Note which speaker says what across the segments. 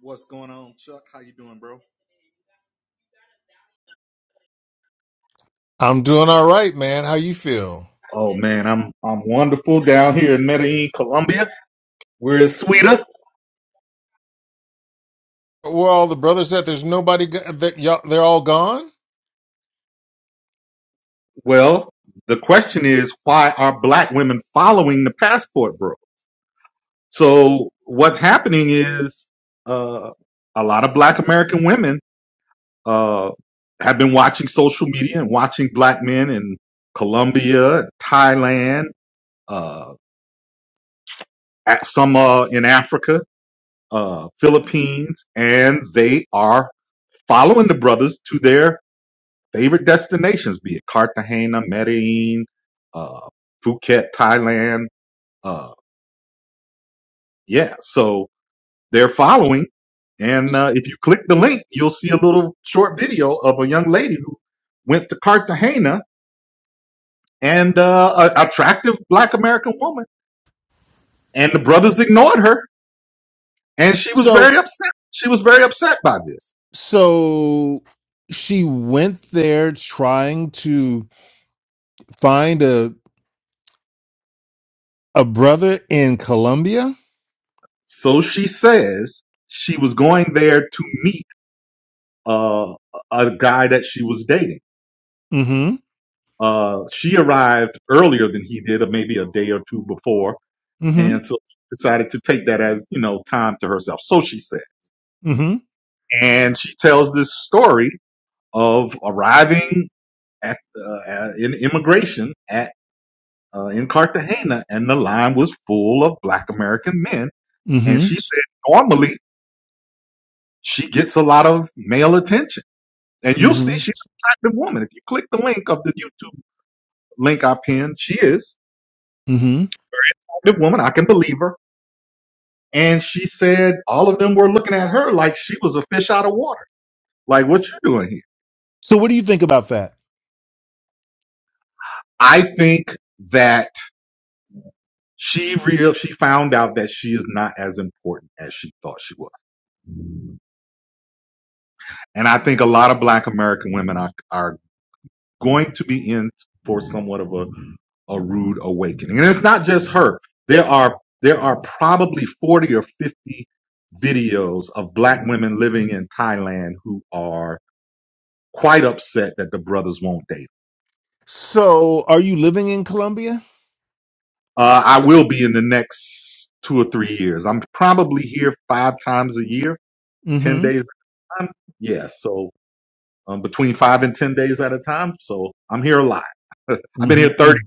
Speaker 1: What's going on, Chuck? How you doing, bro?
Speaker 2: I'm doing all right, man. How you feel?
Speaker 1: Oh man, I'm I'm wonderful down here in Medellin, Colombia, where it's sweeter.
Speaker 2: Where all the brothers at? There's nobody. go- That y'all, they're all gone.
Speaker 1: Well, the question is, why are black women following the passport, bro? So what's happening is uh, a lot of black American women uh, have been watching social media and watching black men in Colombia, Thailand, uh, at- some uh, in Africa, uh, Philippines, and they are following the brothers to their favorite destinations, be it Cartagena, Medellin, uh, Phuket, Thailand. Uh, yeah, so they're following. And uh, if you click the link, you'll see a little short video of a young lady who went to Cartagena and uh, an attractive black American woman. And the brothers ignored her. And she was
Speaker 2: So
Speaker 1: very upset. She was very upset by this.
Speaker 2: so she went there trying to find a a brother in Colombia.
Speaker 1: So she says she was going there to meet uh, a guy that she was dating.
Speaker 2: Mm-hmm.
Speaker 1: Uh, she arrived earlier than he did, or maybe a day or two before. And
Speaker 2: Mm-hmm.
Speaker 1: so she decided to take that as, you know, time to herself. So she said,
Speaker 2: Mm-hmm.
Speaker 1: and she tells this story of arriving at, uh, at- in immigration at, uh, in Cartagena and the line was full of black American men. And
Speaker 2: Mm-hmm.
Speaker 1: she said, normally she gets a lot of male attention and you'll see
Speaker 2: Mm-hmm.
Speaker 1: she's an attractive woman. If you click the link of the YouTube link I pinned, she is.
Speaker 2: Mm-hmm.
Speaker 1: the woman, I can believe her. And she said all of them were looking at her like she was a fish out of water. Like, what you doing here?
Speaker 2: So what do you think about that?
Speaker 1: I think that she real she found out that she is not as important as she thought she was. And I think a lot of black American women are are going to be in for somewhat of a a rude awakening. And it's not just her. There are there are probably 40 or 50 videos of black women living in Thailand who are quite upset that the brothers won't date.
Speaker 2: So are you living in Colombia?
Speaker 1: Uh, I will be in the next two or three years. I'm probably here five times a year, 10
Speaker 2: Mm-hmm.
Speaker 1: days at a time. Yeah. So um, between five and 10 days at a time. So I'm here a lot. I've been here 30
Speaker 2: Mm-hmm.
Speaker 1: times.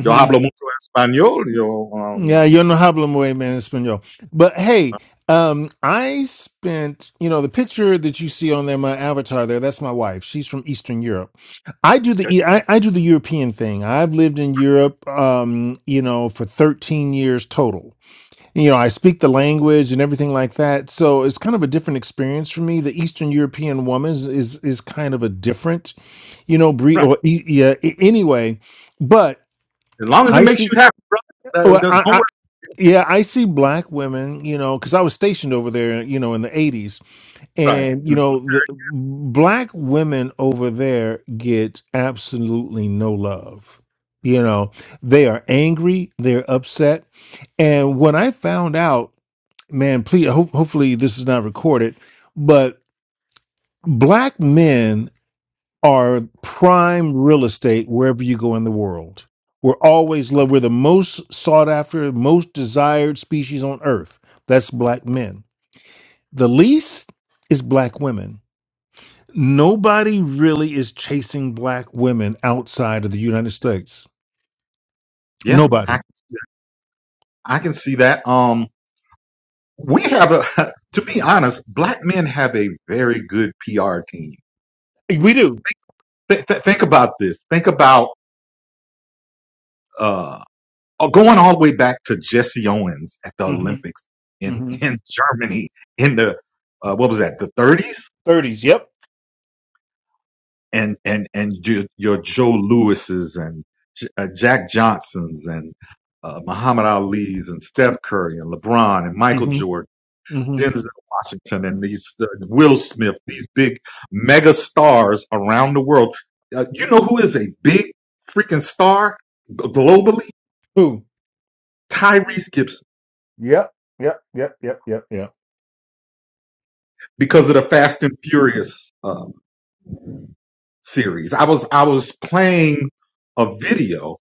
Speaker 1: Yo hablo mucho español. Yo, um,
Speaker 2: Yeah, yo no hablo muy bien español. But hey, um, I spent, you know, the picture that you see on there, my avatar there, that's my wife. She's from Eastern Europe. I do
Speaker 1: okay,
Speaker 2: the E- I, I do the European thing. I've lived in Europe, um, you know, for 13 years total. You know, I speak the language and everything like that. So it's kind of a different experience for me. The Eastern European woman is is, is kind of a different, you know, breed.
Speaker 1: right.
Speaker 2: Or e- yeah, a- anyway, but
Speaker 1: As long as it
Speaker 2: I
Speaker 1: makes
Speaker 2: see.
Speaker 1: you happy, brother. Uh,
Speaker 2: Well,
Speaker 1: don't don't
Speaker 2: I,
Speaker 1: worry.
Speaker 2: yeah, I see black women, you know, because I was stationed over there, you know, in the 80s.
Speaker 1: Right.
Speaker 2: And, you know, the black women over there get absolutely no love. You know, they are angry, they're upset. And when I found out, man, please, ho- hopefully this is not recorded, but black men are prime real estate wherever you go in the world. We're always loved. We're the most sought after, most desired species on earth. That's black men. The least is black women. Nobody really is chasing black women outside of the United States.
Speaker 1: Yeah. I,
Speaker 2: Nobody.
Speaker 1: I can see that. Um, we have a, to be honest, black men have a very good PR team
Speaker 2: We do.
Speaker 1: Th- th- think about this. Think about uh, uh, going all the way back to Jesse Owens at the
Speaker 2: hmm
Speaker 1: Olympics in
Speaker 2: hmm
Speaker 1: in Germany in the uh, what was that the 30s
Speaker 2: 30s. Yep.
Speaker 1: and and and your, your Joe Lewis's and J- uh, Jack Johnsons and uh, Muhammad Ali's and Steph Curry and LeBron and Michael
Speaker 2: hmm
Speaker 1: Jordan.
Speaker 2: hmm
Speaker 1: Denzel Washington and these uh, Will Smith, these big mega stars around the world. Uh, you know who is a big freaking star g- globally?
Speaker 2: Who?
Speaker 1: Tyrese Gibson
Speaker 2: Yep. Yep. Yep. Yep. Yep. Yep.
Speaker 1: because of the Fast and Furious um, series. I was I was playing a video,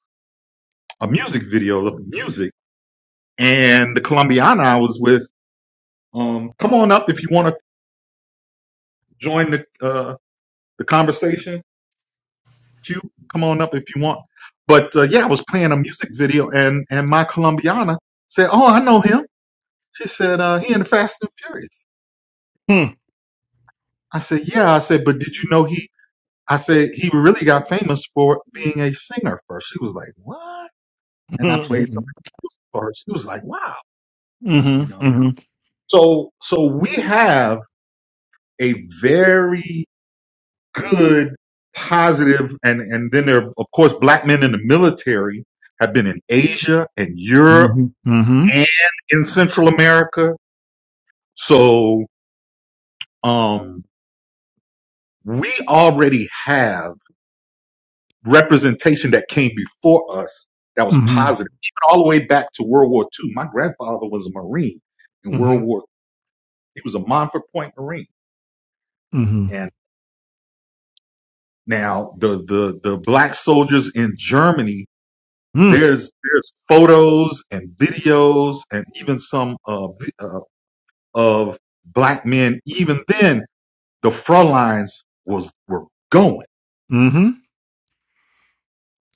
Speaker 1: a music video of the music, and the Colombiana I was with. Um, come on up if you want to join the uh, the conversation. Q, come on up if you want. But uh, yeah, I was playing a music video, and and my Colombiana said, "Oh, I know him." She said, uh, "He in the Fast and Furious." I said, "Yeah." I said, "But did you know he?" I said he really got famous for being a singer first. She was like, "What?" And I played
Speaker 2: Mm-hmm.
Speaker 1: something for her. She was like, "Wow," you know.
Speaker 2: Mm-hmm.
Speaker 1: So, so we have a very good, positive, and and then there, are, of course, black men in the military have been in Asia and Europe
Speaker 2: Mm-hmm.
Speaker 1: and in Central America. So, um, we already have. representation that came before us that was
Speaker 2: Mm-hmm.
Speaker 1: positive, even all the way back to World War II. My grandfather was a Marine in
Speaker 2: Mm-hmm.
Speaker 1: World War. He was a Montfort Point Marine,
Speaker 2: Mm-hmm.
Speaker 1: and now the the the black soldiers in Germany.
Speaker 2: Mm.
Speaker 1: There's there's photos and videos and even some uh, vi- uh, of black men. Even then, the front lines was were going
Speaker 2: Mm-hmm.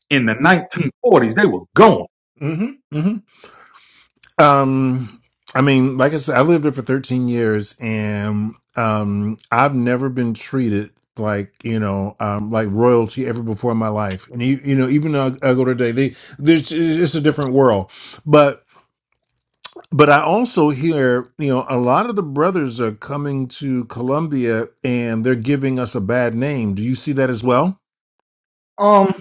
Speaker 1: in the 1940s. They were going.
Speaker 2: Mm-hmm. Mm-hmm. Um, I mean, like I said, I lived there for 13 years and um I've never been treated like, you know, um like royalty ever before in my life. And you, you know, even though I, I go today, they there's it's just a different world. But but I also hear, you know, a lot of the brothers are coming to Columbia and they're giving us a bad name. Do you see that as well?
Speaker 1: Um,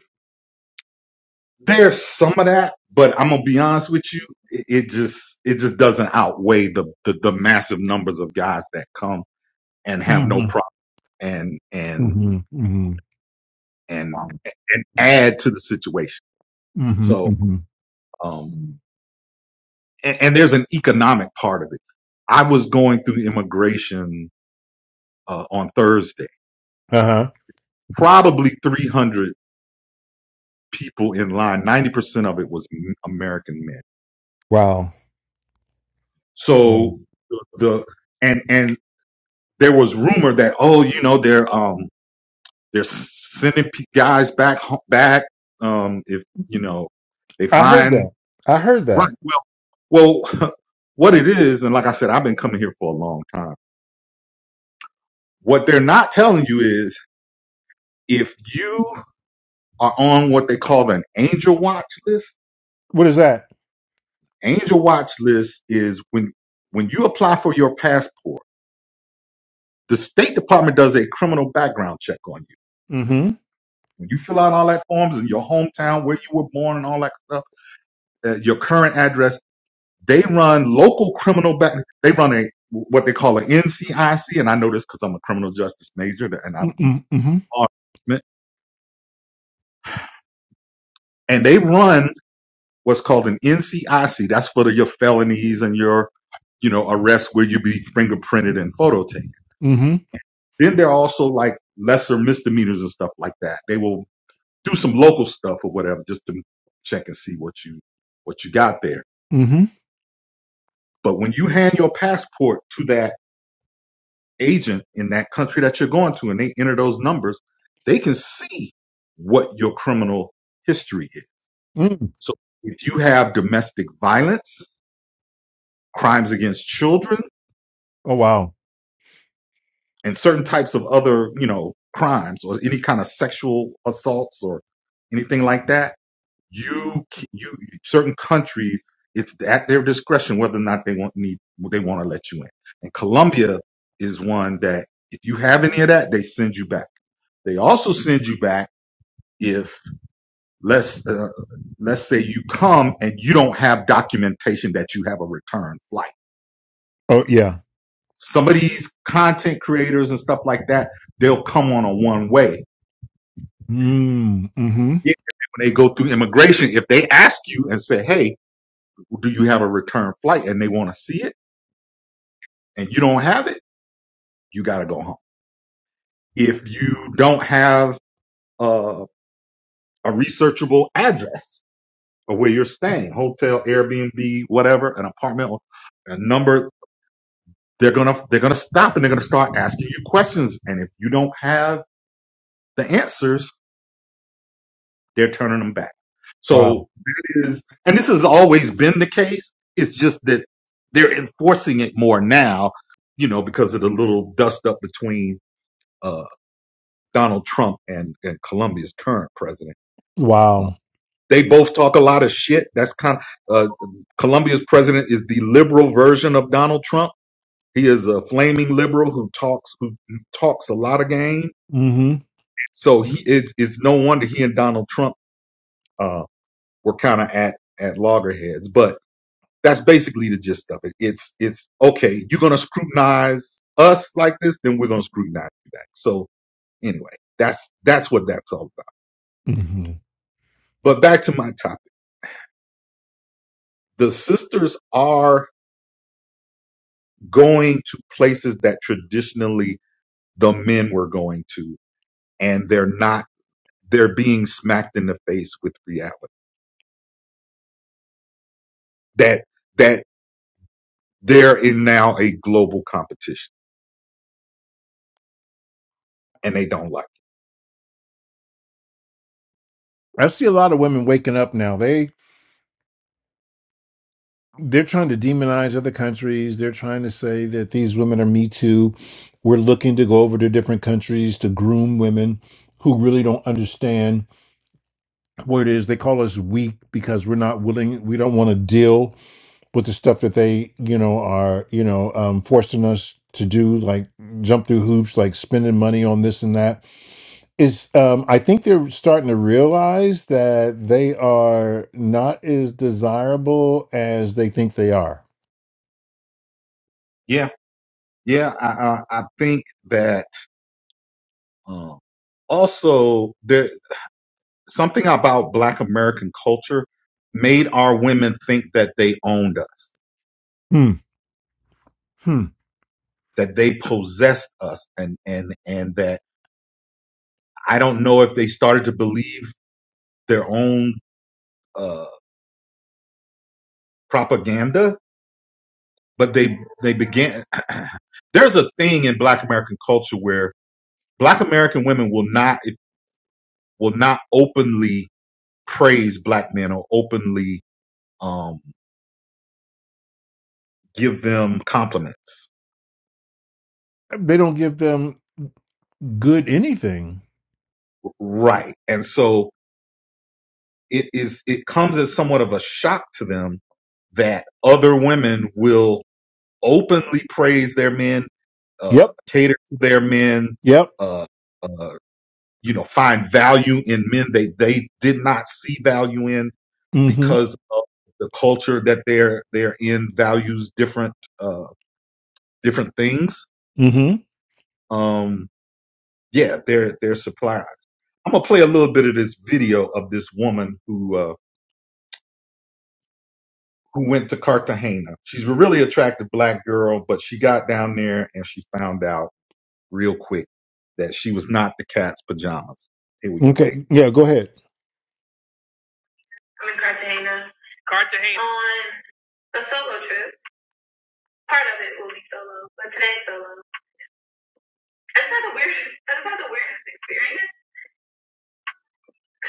Speaker 1: There's some of that, but I'm gonna be honest with you, it, it just it just doesn't outweigh the, the the massive numbers of guys that come and have no
Speaker 2: Mm-hmm.
Speaker 1: problem and and
Speaker 2: Mm-hmm.
Speaker 1: and and add to the situation.
Speaker 2: Mm-hmm.
Speaker 1: So
Speaker 2: Mm-hmm.
Speaker 1: um and, and there's an economic part of it. I was going through immigration uh, on Thursday,
Speaker 2: Uh-huh.
Speaker 1: probably 300 people in line. 90% of it was m- American men.
Speaker 2: Wow. Wow.
Speaker 1: So the and and there was rumor that oh you know they're um They're sending pe- guys back ho- back. Um, if you know they
Speaker 2: I heard
Speaker 1: find
Speaker 2: that. I heard
Speaker 1: right.
Speaker 2: that.
Speaker 1: Well, well, what it is, and like I said, I've been coming here for a long time. What they're not telling you is if you are on what they call an angel watch list.
Speaker 2: What is that?
Speaker 1: Angel watch list is when when you apply for your passport, the State Department does a criminal background check on you.
Speaker 2: Mm-hmm.
Speaker 1: When you fill out all that forms and your hometown, where you were born, and all that stuff, uh, your current address They run local criminal back. They run a what they call an NCIC, and I know this because I'm a criminal justice major, and I
Speaker 2: Mm-mm, mm-hmm.
Speaker 1: and they run what's called an NCIC. That's for the, your felonies and your you know, arrests where you be fingerprinted and photo taken.
Speaker 2: Mm-hmm.
Speaker 1: Then there are also like lesser misdemeanors and stuff like that. They will do some local stuff or whatever just to check and see what you what you got there.
Speaker 2: Mm-hmm.
Speaker 1: But when you hand your passport to that agent in that country that you're going to and they enter those numbers, they can see what your criminal history is.
Speaker 2: Mm.
Speaker 1: So if you have domestic violence, crimes against children,
Speaker 2: Oh wow.
Speaker 1: and certain types of other, you know, crimes or any kind of sexual assaults or anything like that, you you certain countries it's at their discretion whether or not they want need they want to let you in. And Colombia is one that if you have any of that, they send you back. They also send you back if let's uh, let's say you come and you don't have documentation that you have a return flight.
Speaker 2: Oh yeah.
Speaker 1: Some of these content creators and stuff like that, they'll come on a one way.
Speaker 2: Mm. Mm-hmm.
Speaker 1: Yeah, When they go through immigration, if they ask you and say, "Hey, do you have a return flight?" and they want to see it and you don't have it, you got to go home. If you don't have uh, a researchable address of where you're staying, hotel, Airbnb, whatever, an apartment, a number they're gonna they're gonna stop and they're gonna start asking you questions. And if you don't have the answers, they're turning them back.
Speaker 2: Wow.
Speaker 1: So that is, and this has always been the case. It's just that they're enforcing it more now, you know, because of the little dust up between uh, Donald Trump and, and Colombia's current president. Uh,
Speaker 2: Wow.
Speaker 1: they both talk a lot of shit. That's kind of uh, Colombia's president is the liberal version of Donald Trump. He is a flaming liberal who talks who, who talks a lot of game
Speaker 2: Mm-hmm.
Speaker 1: So he it, it's no wonder he and Donald Trump uh, were kind of at at loggerheads. But that's basically the gist of it. It's it's okay. You're gonna scrutinize us like this, then we're gonna scrutinize you back. So anyway, that's that's what that's all about.
Speaker 2: Mm-hmm.
Speaker 1: But back to my topic. The sisters are going to places that traditionally the men were going to, and they're not. They're being smacked in the face with reality that that they're in now a global competition and they don't like it.
Speaker 2: I see a lot of women waking up now. They they're trying to demonize other countries. They're trying to say that these women are me too. We're looking to go over to different countries to groom women who really don't understand what it is. They call us weak because we're not willing, we don't want to deal with the stuff that they you know are you know um, forcing us to do like jump through hoops like spending money on this and that is um, i think they're starting to realize that they are not as desirable as they think they are
Speaker 1: Yeah, yeah. I I, I think that um, also there something about Black American culture made our women think that they owned us,
Speaker 2: hmm hmm
Speaker 1: that they possessed us, and and and that I don't know if they started to believe their own uh, propaganda, but they they began. There's a thing in Black American culture where Black American women will not will not openly praise black men or openly um, give them compliments.
Speaker 2: they don't give them good anything
Speaker 1: Right. And so it is, it comes as somewhat of a shock to them that other women will openly praise their men, uh,
Speaker 2: yep
Speaker 1: cater to their men,
Speaker 2: yep
Speaker 1: uh, uh, you know, find value in men they, they did not see value in
Speaker 2: mm-hmm
Speaker 1: because of the culture that they're, they're in values different, uh, different things.
Speaker 2: mm-hmm
Speaker 1: Um, yeah, they're they're supplies. I'm gonna play a little bit of this video of this woman who uh, who went to Cartagena. She's a really attractive black girl, but she got down there and she found out real quick that she was not the cat's pajamas. Here we go.
Speaker 2: okay yeah go ahead
Speaker 1: I'm in Cartagena. Cartagena. On a solo trip. Part of it will be solo, but today's solo. That's not the weirdest. That's not the weirdest experience.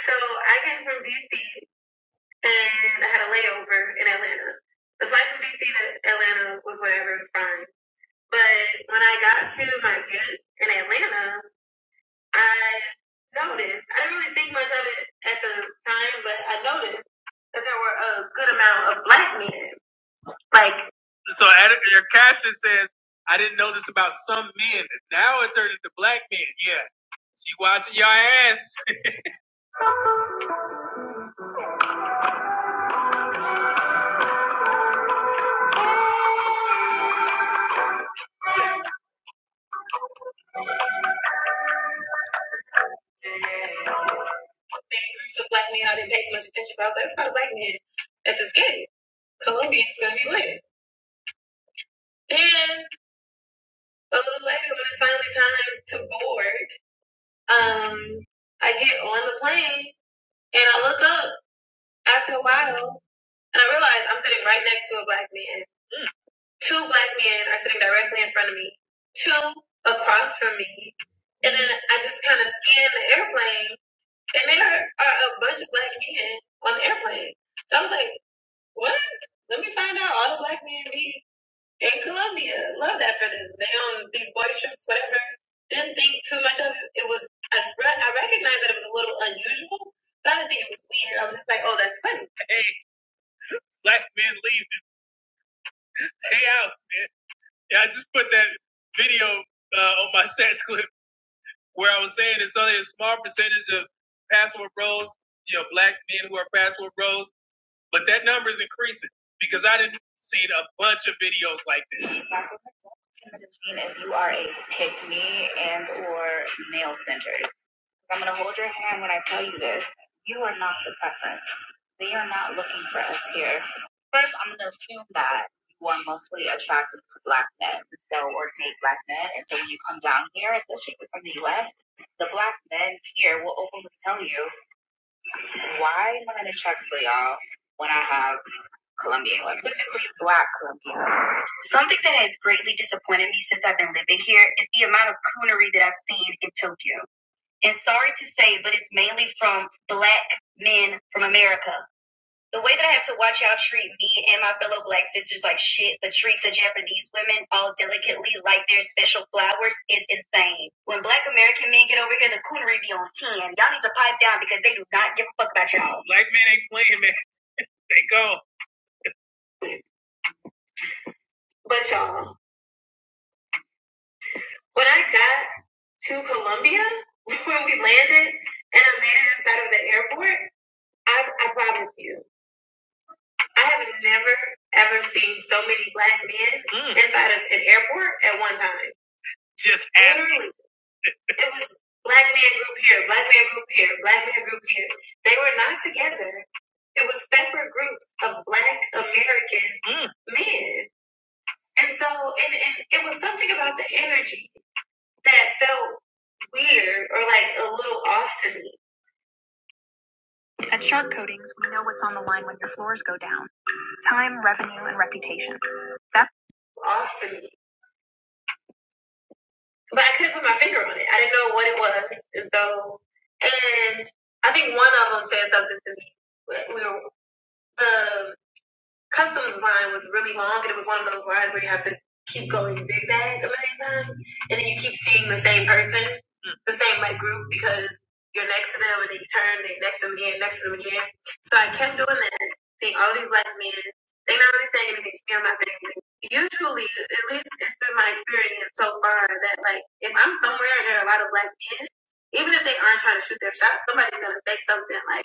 Speaker 1: So I came from DC and I had a layover in Atlanta. The flight from DC to Atlanta was whatever, it was fine. But when I got to my gate in Atlanta, I noticed, I didn't really think much of it at the time, but I noticed that there were a good amount of black men. Like, so your caption says, I didn't know this about some men. Now it turned into black men. Yeah. She watching your ass. maybe groups of black men. I didn't pay too much attention, but I was like, it's not a black man at this gate. Colombian's gonna be lit. And a little later, when it's finally time to board, um, I get on the plane and I look up after a while and I realize I'm sitting right next to a black man. Mm. Two black men are sitting directly in front of me, two across from me, and then I just kind of scan the airplane, and there are a bunch of black men on the airplane. So I was like, What? Let me find out. All the black men be in Colombia. Love that for them. They on these boy trips, whatever. Didn't think too much of it. It was I, re- I recognized that it was a little unusual, but I didn't think it was weird. I was just like, oh, that's funny. hey, black men leave. Hey out, man. Yeah, I just put that video uh, on my stats clip where I was saying it's only a small percentage of password bros, you know, black men who are password bros. But that number is increasing because I didn't see a bunch of videos like this. if you are a pick me and or male centered. I'm gonna hold your hand when I tell you this. You are not the preference. They are not looking for us here. First, I'm gonna assume that you are mostly attracted to black men, so or date black men, and so when you come down here, especially if you're from the U.S., the black men here will openly tell you, "Why am I gonna check for y'all when I have?" Colombian or specifically black Colombian. women. Something that has greatly disappointed me since I've been living here is the amount of coonery that I've seen in Tokyo. And the way you do give a fuck about y'all. Black men ain't playing, man. They go. But y'all, when I got to Colombia, when we landed and I landed inside of the airport, I, I promise you, I have never ever seen so many black men Mm. inside of an airport at one time. Just literally. It was black man group here, black man group here, black man group here. They were not together. It was separate groups of black American Mm. men. And so, and, and it was something about the energy that felt weird or like a little off to me. That's off to me. But I couldn't put my finger on it. I didn't know what it was. And so, and I think one of them said something to me. We were, the customs line was really long and it was one of those lines where you have to keep going zigzag a million times and then you keep seeing the same person, the same like group because you're next to them and then you turn, they next to them again, next to them again. So I kept doing that, seeing all these black men. They're not really saying anything to me, I'm not saying anything. Usually, at least it's been my experience so far that like if I'm somewhere and there are a lot of black men, even if they aren't trying to shoot their shot, somebody's gonna say something like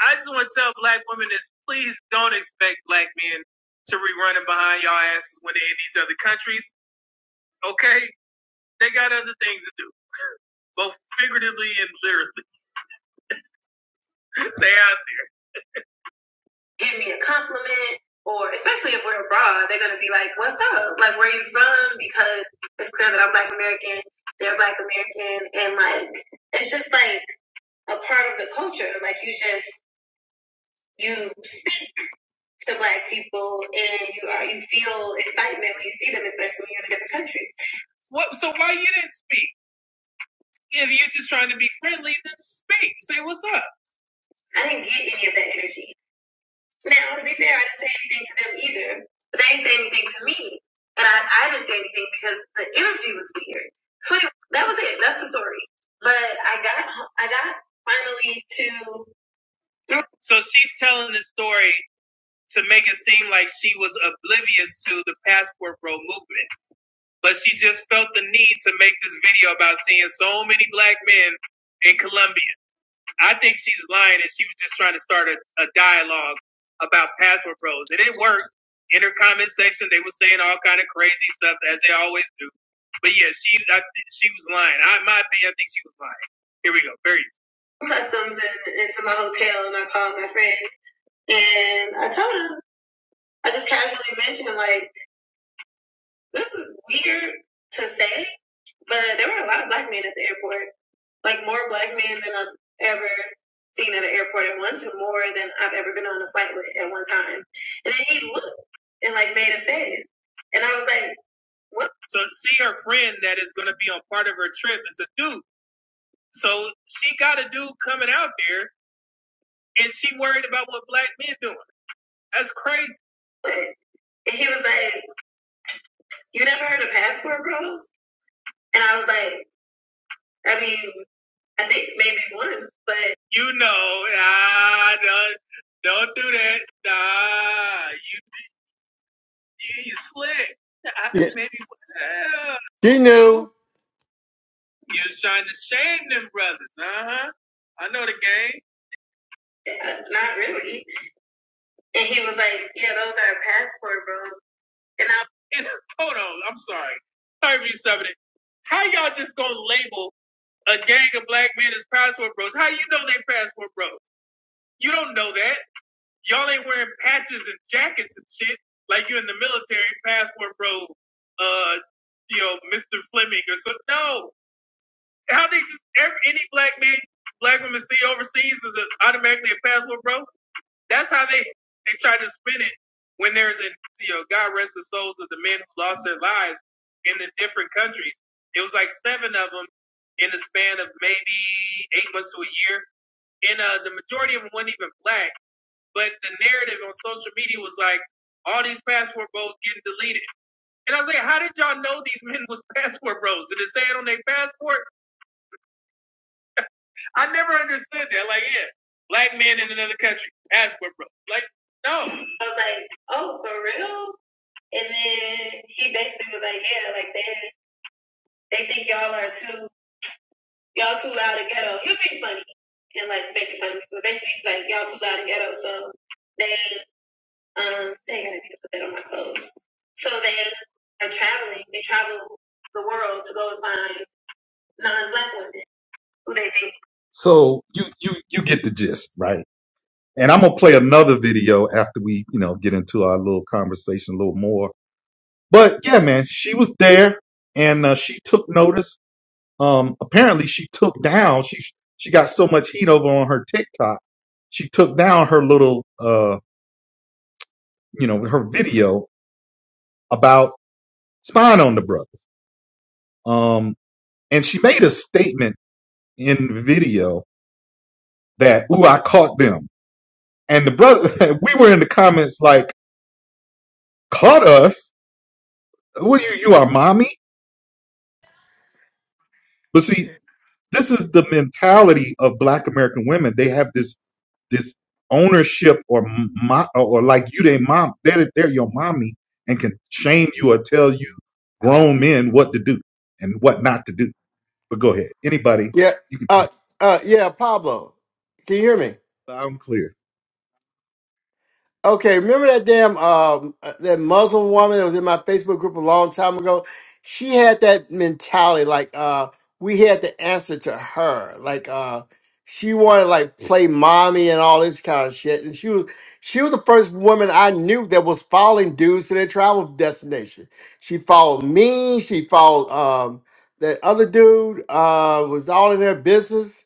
Speaker 1: I just want to tell black women this: please don't expect black men to be running behind y'all asses when they're in these other countries. Okay, they got other things to do, both figuratively and literally. they out there. Give me a compliment, or especially if we're abroad, they're gonna be like, "What's up? Like, where are you from?" Because it's clear that I'm Black American. They're Black American, and like, it's just like a part of the culture. Like, you just you to black people and you are you feel excitement when you see them, especially when you're in a different country. What so why you didn't speak? If you're just trying to be friendly, then speak. Say what's up. I didn't get any of that energy. Now to be fair, I didn't say anything to them either. But they didn't say anything to me. And I, I didn't say anything because the energy was weird. So anyway, that was it. That's the story. But I got I got finally to So she's telling the story to make it seem like she was oblivious to the passport bro movement. But she just felt the need to make this video about seeing so many black men in Colombia. I think she's lying and she was just trying to start a, a dialogue about passport bros. And it worked. In her comment section, they were saying all kind of crazy stuff as they always do. But yeah, she I, she was lying. I, in my opinion, I think she was lying. Here we go. Very. Customs and into my hotel, and I called my friend, and I told her. I just casually mentioned, like, this is weird to say, but there were a lot of black men at the airport. Like, more black men than I've ever seen at an airport at once, and more than I've ever been on a flight with at one time. And then he looked and, like, made a face. And I was like, what? So, see her friend that is going to be on part of her trip is a dude. So, she got a dude coming out there, and she worried about what black men doing. That's crazy. And he was like, you never heard of passport bros? And I was like, I mean, I think maybe one, but you know, ah, don't don't do that. Nah, you you slick. I,
Speaker 3: Yeah.
Speaker 1: maybe well,
Speaker 3: She
Speaker 1: no.
Speaker 3: knew.
Speaker 1: you was trying to shame them brothers, uh huh. I know the game. Yeah, Not really. And he was like, yeah, those are our passport, bro. And I and, hold on, I'm sorry. Let me something. How y'all just gonna label a gang of black men as passport bros? How you know they passport bros? You don't know that. Y'all ain't wearing patches and jackets and shit like you're in the military, passport bro, uh, you know, Mr. Fleming or so. No, how they just every, any black man, black woman see overseas is a, automatically a passport bro. That's how they they try to spin it when there's a you know, God rest the souls of the men who lost their lives in the different countries. It was like seven of them in the span of maybe eight months to a year, and uh, the majority of them weren't even black but the narrative on social media was like, all these passport bros getting deleted. And I was like, how did y'all know these men was passport bros? Did it say it on their passport? I never understood that. Like, yeah, black men in another country, passport bros. Like, no. I was like, oh, for real? And then he basically was like, yeah, like they they think y'all are too y'all too loud and ghetto. He was being funny and like making fun of me, but basically he's like, y'all too loud and ghetto, so they. Um, they ain't got a put that on my clothes. So they are traveling. They travel the world to go and find non-black women who they think. So you you you get the gist, right? And I'm gonna play another video after we you know get into our little conversation a little more. But yeah, man, she was there and uh, she took notice. Um, apparently she took down. She she got so much heat over on her TikTok. She took down her little uh you know her video about. spying on the brothers. Um, and she made a statement in the video that, ooh, I caught them. And the brother, we were in the comments like, caught us? What are you, you are mommy? But see, this is the mentality of black American women. They have this, this ownership or mo- or like you, they mom, they're, they're your mommy and can shame you or tell you grown men what to do and what not to do. But go ahead. Anybody,
Speaker 3: Yeah.
Speaker 1: you can,
Speaker 3: Uh uh yeah, Pablo. Can you hear me?
Speaker 1: I'm clear.
Speaker 3: Okay, remember that damn um uh, that Muslim woman that was in my Facebook group a long time ago? She had that mentality, like uh we had to answer to her. Like uh she wanted like play mommy and all this kind of shit. And she was she was the first woman I knew that was following dudes to their travel destination. She followed me, she followed um that other dude, uh was all in their business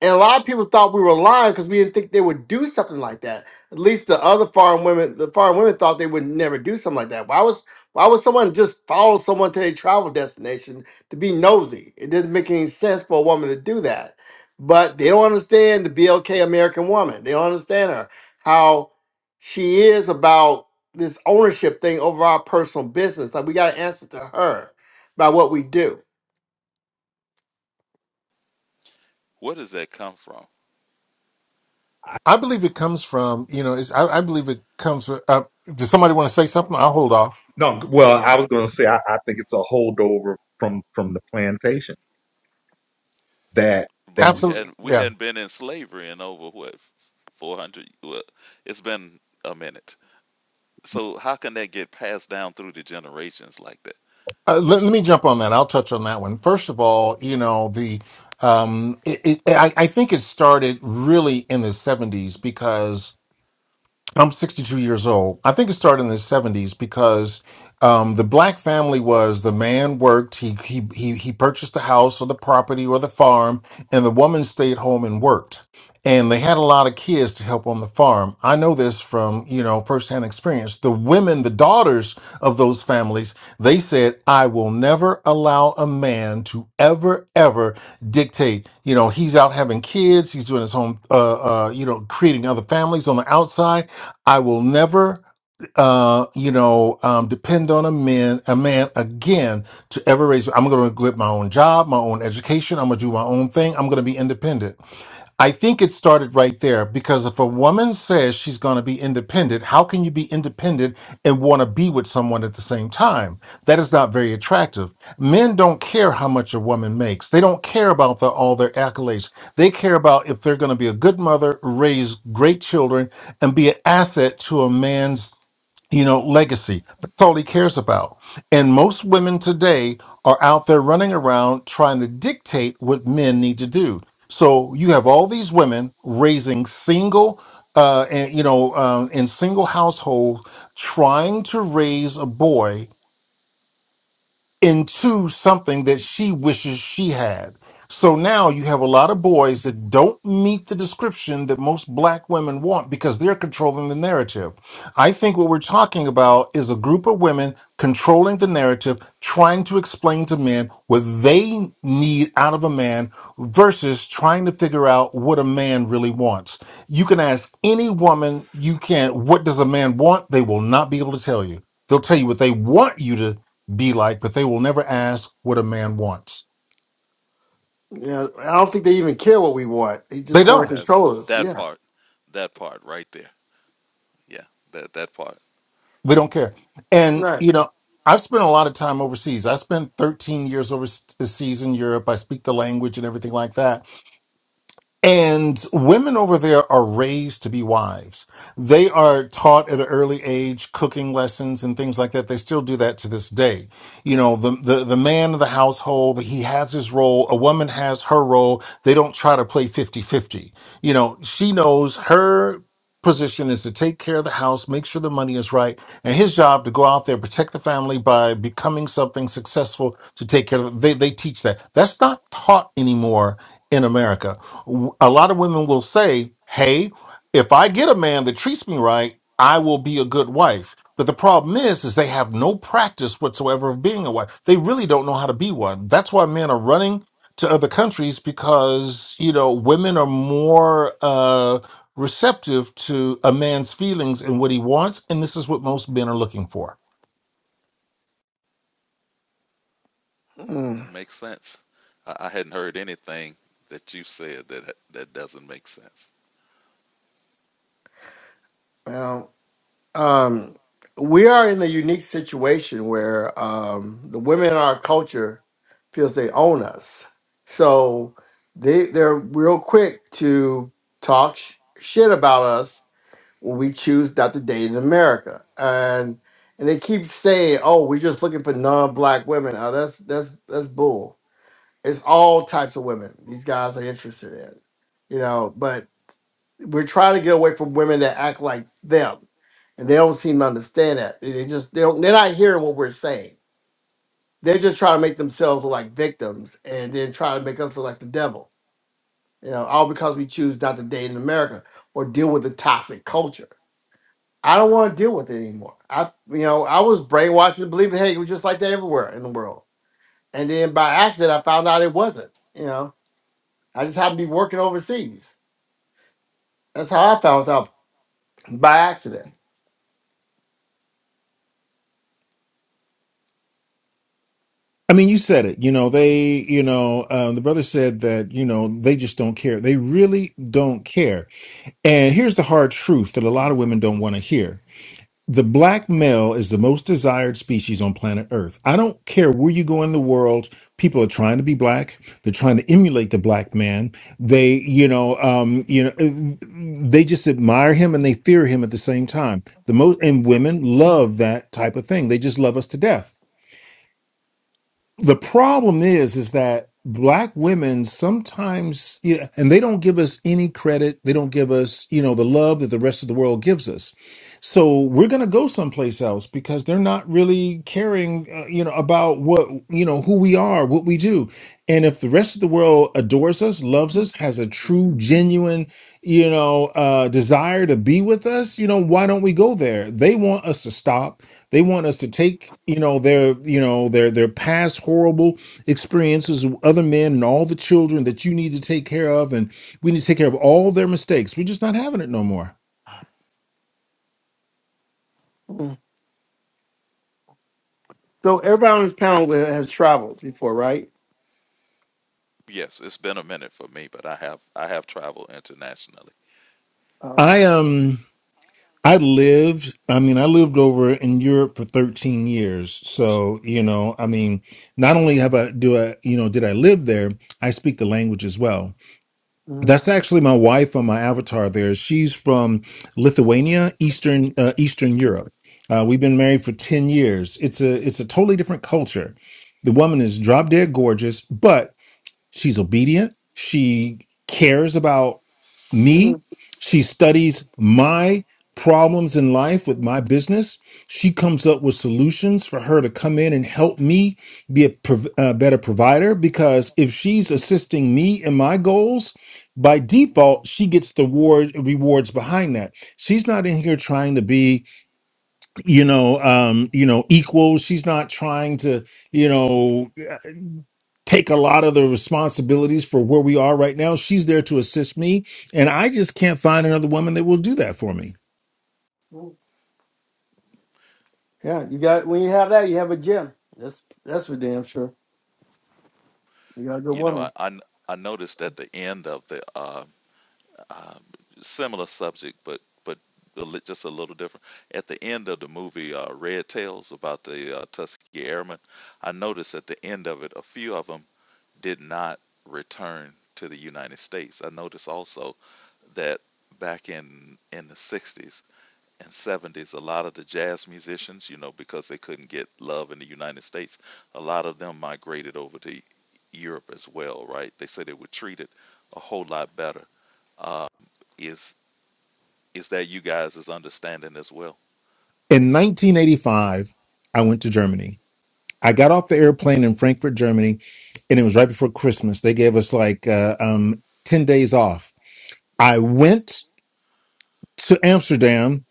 Speaker 3: and a lot of people thought we were lying because we didn't think they would do something like that. At least the other foreign women, the foreign women thought they would never do something like that. Why was why would someone just follow someone to their travel destination to be nosy? It didn't make any sense for a woman to do that. But they don't understand the BLK American woman. They don't understand her how she is about this ownership thing over our personal business. Like we got to answer to her about what we do.
Speaker 4: Where does that come from?
Speaker 2: I believe it comes from, you know, it's, I, I believe it comes from, uh, does somebody want to say something? I'll hold off.
Speaker 1: No, well, I was going to say I, I think it's a holdover from from the plantation. That
Speaker 4: But
Speaker 1: that
Speaker 4: we had
Speaker 2: Absolutely.
Speaker 4: we
Speaker 2: Yeah.
Speaker 4: hadn't been in slavery in over what four hundred. Well, it's been a minute. So how can that get passed down through the generations like that?
Speaker 2: Uh, let, let me jump on that. I'll touch on that one. First of all, you know, the um, it, it, I, I think it started really in the 70s because I'm 62 years old. I think it started in the 70s because um, the black family was the man worked. He, he he he purchased the house or the property or the farm, and the woman stayed home and worked. And they had a lot of kids to help on the farm. I know this from you know firsthand experience. The women, the daughters of those families, they said, "I will never allow a man to ever ever dictate. You know, he's out having kids. He's doing his own. Uh, uh, you know, creating other families on the outside." I will never uh, you know, um, depend on a man, a man again to ever raise. I'm going to get my own job, my own education. I'm going to do my own thing. I'm going to be independent. I think it started right there because if a woman says she's going to be independent, how can you be independent and want to be with someone at the same time? That is not very attractive. Men don't care how much a woman makes. They don't care about the, all their accolades. They care about if they're going to be a good mother, raise great children, and be an asset to a man's you know, legacy. That's all he cares about. And most women today are out there running around trying to dictate what men need to do. So you have all these women raising single, uh, and you know, um, in single households, trying to raise a boy into something that she wishes she had. So now you have a lot of boys that don't meet the description that most black women want because they're controlling the narrative. I think what we're talking about is a group of women controlling the narrative, trying to explain to men what they need out of a man versus trying to figure out what a man really wants. You can ask any woman you can, what does a man want? They will not be able to tell you. They'll tell you what they want you to be like, but they will never ask what a man wants.
Speaker 4: Yeah,
Speaker 3: Yeah, I don't think they even care what we want. They
Speaker 2: They
Speaker 3: just want to
Speaker 2: don't.
Speaker 4: that
Speaker 3: control us.
Speaker 4: That
Speaker 3: Yeah.
Speaker 4: part, that part right there. Yeah, that that part
Speaker 2: They don't care. And,
Speaker 3: Right.
Speaker 2: you know, I've spent a lot of time overseas. I spent 13 years overseas in Europe. I speak the language and everything like that. And women over there are raised to be wives. They are taught at an early age cooking lessons and things like that. They still do that to this day. You know, the, the, the man of the household, he has his role. A woman has her role. They don't try to play 50 50. You know, she knows her position is to take care of the house, make sure the money is right, and his job to go out there, protect the family by becoming something successful to take care of. They, they teach that. That's not taught anymore in America w- a lot of women will say, Hey, if I get a man that treats me right, I will be a good wife. But the problem is, is they have no practice whatsoever of being a wife. They really don't know how to be one. That's why men are running to other countries because, you know, women are more uh, receptive to a man's feelings and what he wants. And this is what most men are looking for.
Speaker 4: that
Speaker 3: Mm.
Speaker 4: makes sense. I, I hadn't heard anything that you said that that doesn't make sense.
Speaker 3: Well, um, we are in a unique situation where um, the women in our culture feels they own us, so they they're real quick to talk sh- shit about us when we choose not to date in America, and and they keep saying, "Oh, we're just looking for non-black women." Oh, that's that's that's bull. It's all types of women these guys are interested in, you know. But We're trying to get away from women that act like them, and they don't seem to understand that. They they just they don't. They're not hearing what we're saying. They're just trying to make themselves look like victims, and then try to make us look like the devil. You know, all because we choose not to date in America or deal with the toxic culture. I don't want to deal with it anymore. I, you know, I was brainwashed to believe, hey, it was just like that everywhere in the world. And then by accident, I found out it wasn't. You know, I just happened to be working overseas. That's how I found out by accident.
Speaker 2: I mean, you said it. You know, they, you know, um, the brother said that, you know, they just don't care. They really don't care. And here's the hard truth that a lot of women don't want to hear. The black male is the most desired species on planet Earth. I don't care where you go in the world. People are trying to be black. They're trying to emulate the black man. They, you know, um, you know, uh, they just admire him and they fear him at the same time. The most and women love that type of thing. They just love us to death the problem is is that black women sometimes yeah, and they don't give us any credit they don't give us you know the love that the rest of the world gives us so we're going to go someplace else because they're not really caring uh, you know about what you know who we are what we do and if the rest of the world adores us loves us has a true genuine you know uh desire to be with us you know why don't we go there they want us to stop they want us to take, you know, their, you know, their their past horrible experiences with other men and all the children that you need to take care of, and we need to take care of all their mistakes. We're just not having it no more.
Speaker 3: Mhm. So everybody on this panel wi- has traveled before, right?
Speaker 4: Yes, it's been a minute for me, but I have I have traveled internationally.
Speaker 3: Oh,
Speaker 2: I
Speaker 3: okay.
Speaker 2: um I lived, I mean, I lived over in Europe for 13 years. So, you know, I mean, not only have I do I, you know, did I live there, I speak the language as well.
Speaker 3: Mhm.
Speaker 2: That's actually my wife on my avatar there. She's from Lithuania, Eastern uh, Eastern Europe. Uh, we've been married for 10 years. It's a it's a totally different culture. The woman is drop dead gorgeous, but She's obedient. She cares about me. She studies my problems in life with my business. She comes up with solutions for her to come in and help me be a prov- uh, better provider because if she's assisting me in my goals, by default, she gets the reward, rewards behind that. She's not in here trying to be, you know, um, you know, equal. She's not trying to, you know, uh, take a lot of the responsibilities for where we are right now. She's there to assist me. And I just can't find another woman that will do that for me.
Speaker 3: Mhm. Yeah, you got when you have that, you have a gym. That's that's for damn sure. You got a good
Speaker 4: You know, I
Speaker 3: woman.
Speaker 4: I, I noticed at the end of the uh, um, similar subject, but but a lit- just a little different. At the end of the movie uh, Red Tails about the uh, Tuskegee Airmen, I noticed at the end of it, a few of them did not return to the United States. I noticed also that back in in the '60s and '70s, a lot of the jazz musicians, you know, because they couldn't get love in the United States, a lot of them migrated over to Europe as well, right? They said they were treated a whole lot better Uh, Is is that you guys is understanding as well.
Speaker 2: In 1985, I went to Germany. I got off the airplane in Frankfurt, Germany, and it was right before Christmas. They gave us like uh, um, 10 days off. I went to Amsterdam,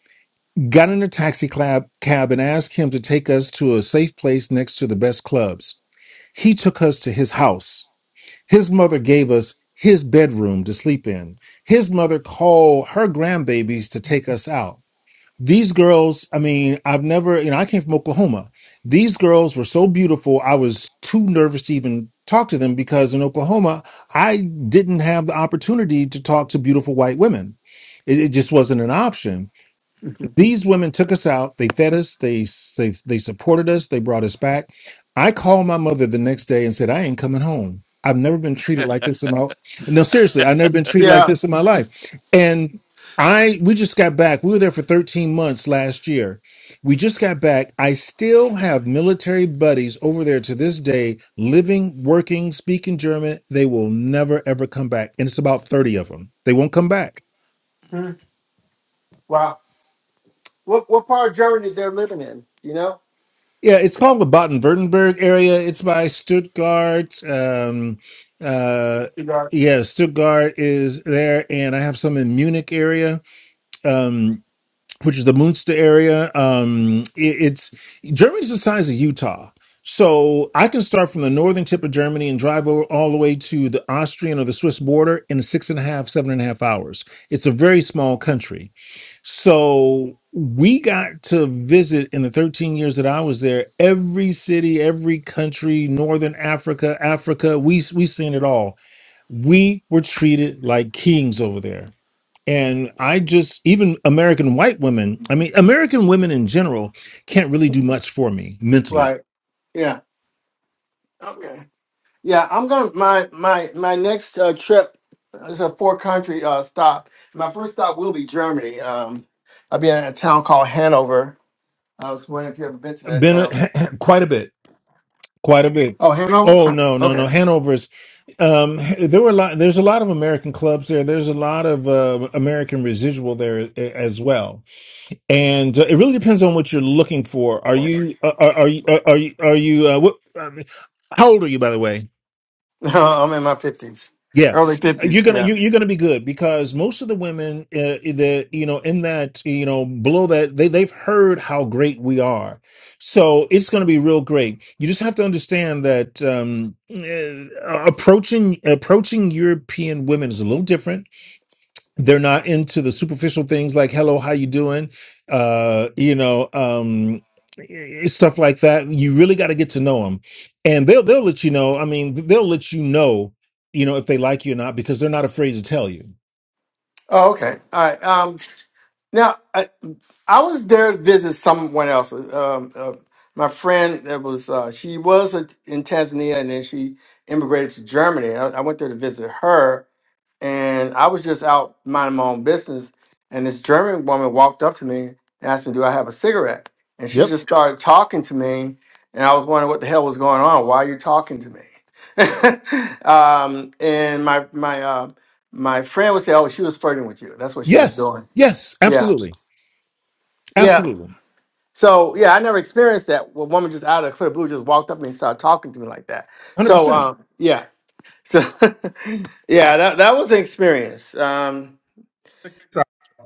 Speaker 2: got in a taxi cab, cab, and asked him to take us to a safe place next to the best clubs. He took us to his house His mother gave us his bedroom to sleep in. His mother called her grandbabies to take us out. These girls, I mean, I've never, you know, I came from Oklahoma. These girls were so beautiful. I was too nervous to even talk to them because in Oklahoma, I didn't have the opportunity to talk to beautiful white women. It, it just wasn't an option
Speaker 3: Mhm.
Speaker 2: these women took us out. They fed us. They they they supported us. They brought us back. I called my mother the next day and said, "I ain't coming home. I've never been treated like this in my no seriously. I've never been treated like
Speaker 3: yeah.
Speaker 2: this in my life." And I we just got back. We were there for 13 months last year. We just got back. I still have military buddies over there to this day, living, working, speaking German. They will never ever come back, and it's about 30 of them. They won't come back
Speaker 3: Mhm. Wow. What what part of Germany they're living in? You know?
Speaker 2: Yeah, it's called the Baden-Württemberg area. It's by Stuttgart. Um, uh,
Speaker 3: You got-
Speaker 2: yeah, Stuttgart is there, and I have some in Munich area. Um, which is the Munster area. Um, it, it's Germany's the size of Utah. So I can start from the northern tip of Germany and drive over all the way to the Austrian or the Swiss border in six and a half, seven and a half hours. It's a very small country. So we got to visit in the 13 years that I was there, every city, every country, Northern Africa, Africa, we, we seen it all. We were treated like kings over there and I
Speaker 4: Wow.
Speaker 2: just, even American white women, I mean, American women in general can't really do much for me mentally.
Speaker 3: Right. Yeah. Okay. Yeah, I'm going to my my my next uh, trip is a four country uh, stop. My first stop will be Germany. Um, I'll be in a town called Hanover. I was wondering if you ever been to that
Speaker 2: Been
Speaker 3: town.
Speaker 2: a, quite a bit, quite a bit.
Speaker 3: Oh, Hanover.
Speaker 2: Oh, no, no,
Speaker 3: Okay,
Speaker 2: no. Hanover's, um, there were a lot, there's a lot of American clubs there. There's a lot of uh, American residual there a- as well. And uh, it really depends on what you're looking for. Are you, uh, are, are you, uh, are you, are you, uh, what, I mean, how old are you, by the way?
Speaker 3: I'm in my fifties,
Speaker 2: Yeah,
Speaker 3: early
Speaker 2: you're
Speaker 3: fifties.
Speaker 2: gonna
Speaker 3: Yeah.
Speaker 2: you, you're gonna be good because most of the women uh, that you know in that you know below that they they've heard how great we are, so it's gonna be real great. You just have to understand that um, uh, approaching approaching European women is a little different they're not into the superficial things like hello how you doing uh you know um i- stuff like that you really got to get to know them and they'll they'll let you know i mean th- they'll let you know you know if they like you or not because they're not afraid to tell you
Speaker 3: Oh, okay. All right. Um, now I, I was there to visit someone else. Um, uh, my friend that was uh, she was a, in Tanzania and then she immigrated to Germany. I, I went there to visit her and I was just out minding my own business, and this German woman walked up to me and asked me, "Do I have a cigarette?" And she
Speaker 2: Yep.
Speaker 3: just started talking to me, and I was wondering what the hell was going on. Why are you talking to me? um, and my my uh, my friend would say, "Oh, she was flirting with you. That's what she was
Speaker 2: yes
Speaker 3: doing."
Speaker 2: yes
Speaker 3: Yeah,
Speaker 2: absolutely
Speaker 3: yeah.
Speaker 2: absolutely
Speaker 3: So yeah, I never experienced that. where A woman just out of the clear blue just walked up to me and started talking to me like that. So
Speaker 2: 100%
Speaker 3: um, yeah, so yeah, that that was an experience. Um,
Speaker 1: so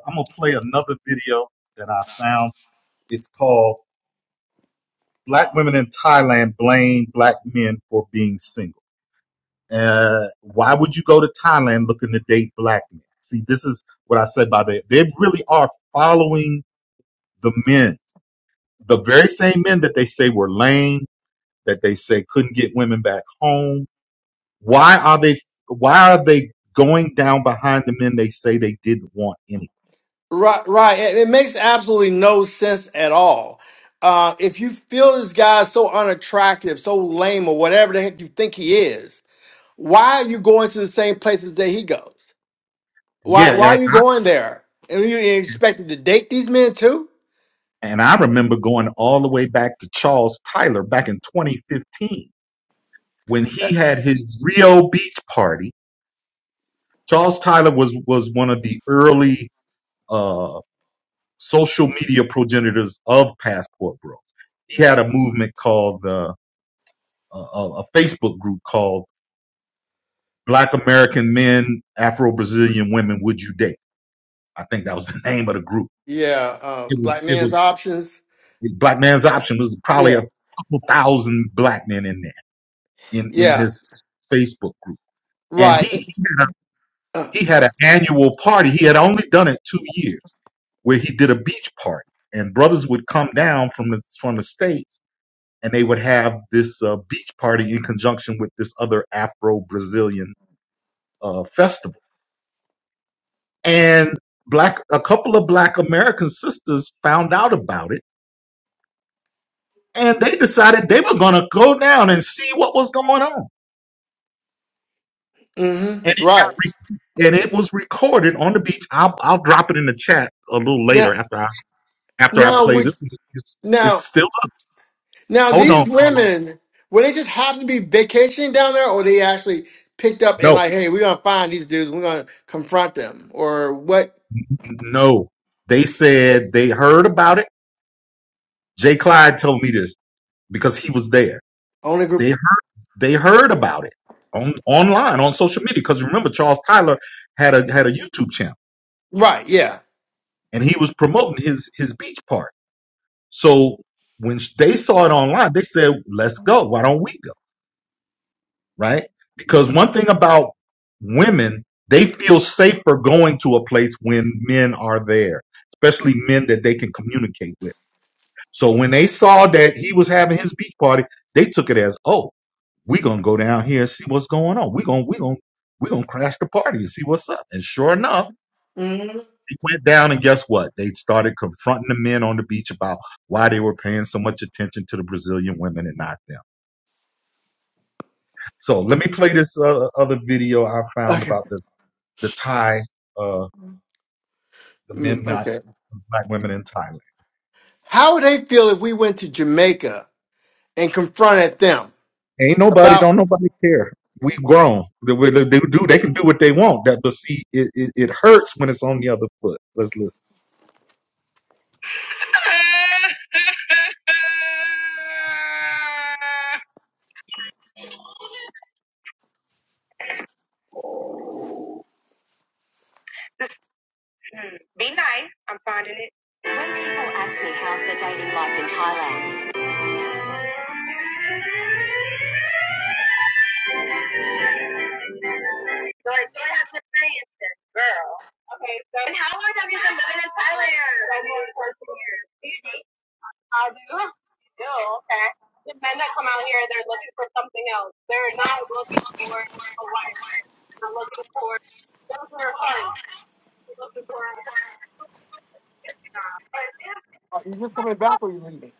Speaker 1: I'm gonna play another video that I found. It's called "Black Women in Thailand Blame Black Men for Being Single." Uh, why would you go to Thailand looking to date black men? See, this is what I said by that. They really are following the men, the very same men that they say were lame, that they say couldn't get women back home Why are they why are they going down behind the men they say they didn't want any?
Speaker 3: Right, right. It, it makes absolutely no sense at all. Uh, if you feel this guy is so unattractive, so lame, or whatever the heck you think he is, why are you going to the same places that he goes? Why
Speaker 1: Yeah,
Speaker 3: Why
Speaker 1: and
Speaker 3: are you going there? And you expected to date these men too?
Speaker 1: and I remember going all the way back to Charles Tyler back in 2015 when he had his Rio Beach party. Charles Tyler was was one of the early uh, social media progenitors of Passport Bros. He had a movement called the uh, a a Facebook group called Black American Men, Afro Brazilian Women. Would you date? I think that was the name of the group
Speaker 3: Yeah, uh,
Speaker 1: It was
Speaker 3: black
Speaker 1: it
Speaker 3: man's
Speaker 1: was
Speaker 3: options.
Speaker 1: the black man's option was probably
Speaker 3: Yeah,
Speaker 1: a couple thousand black men in there in in
Speaker 3: yeah,
Speaker 1: this Facebook group, and he
Speaker 3: right.
Speaker 1: he had, a,
Speaker 3: Uh,
Speaker 1: he had an annual party. He had only done it two years, where he did a beach party, and brothers would come down from the from the states, and they would have this uh, beach party in conjunction with this other Afro Brazilian uh, festival, and black a couple of black American sisters found out about it and they decided they were going to go down and see what was going on.
Speaker 3: hmm
Speaker 1: And it got
Speaker 3: right.
Speaker 1: re- and it was recorded on the beach. I'll I'll drop it in the chat a little
Speaker 3: Now,
Speaker 1: later after I after I
Speaker 3: now
Speaker 1: play
Speaker 3: would
Speaker 1: this. It's,
Speaker 3: now?
Speaker 1: it's still up.
Speaker 3: Now,
Speaker 1: Hold on,
Speaker 3: these
Speaker 1: Carlos.
Speaker 3: women, were they just happen to be vacationing down there, or they actually picked up and
Speaker 1: No,
Speaker 3: like, hey, we're gonna find these dudes, we're gonna confront them, or what?
Speaker 1: no. They said they heard about it. Jay Clyde told me this because he was there.
Speaker 3: Only group,
Speaker 1: They they heard about it on online on social media because remember Charles Tyler had a had a YouTube channel
Speaker 3: right? Yeah.
Speaker 1: and he was promoting his his beach party. So when sh- they saw it online, they said, let's go. Why don't we go? Right? Because one thing about women, they feel safer going to a place when men are there, especially men that they can communicate with. So when they saw that he was having his beach party, they took it as, oh, we're going to go down here and see what's going on. We're going, to we're going, to we're going to crash the party and see what's up. And sure enough,
Speaker 3: Mhm.
Speaker 1: They went down, and guess what? They started confronting the men on the beach about why they were paying so much attention to the Brazilian women and not them. So let me play this uh, other video I found
Speaker 3: Okay.
Speaker 1: about the the Thai, uh, the men
Speaker 3: Mm,
Speaker 1: not
Speaker 3: okay.
Speaker 1: black women in Thailand.
Speaker 3: How would they feel if we went to Jamaica and confronted them
Speaker 1: Ain't nobody,
Speaker 3: about?
Speaker 1: don't nobody care. We grown. They, we- they do. They can do what they want. That, but see, it, it, it hurts when it's on the other foot. Let's listen. Be nice. I'm finding it. When people ask me how's the dating life in Thailand, Like, girl. Okay, so. And how long have you been living in Thailand? I've been here 14 years. Do you date? I do. Do, okay. The men that come out here, they're looking for something else. They're not looking for a wife. They're looking for, those who are fun. They're looking for a person.
Speaker 3: Are you just coming back, or you leaving?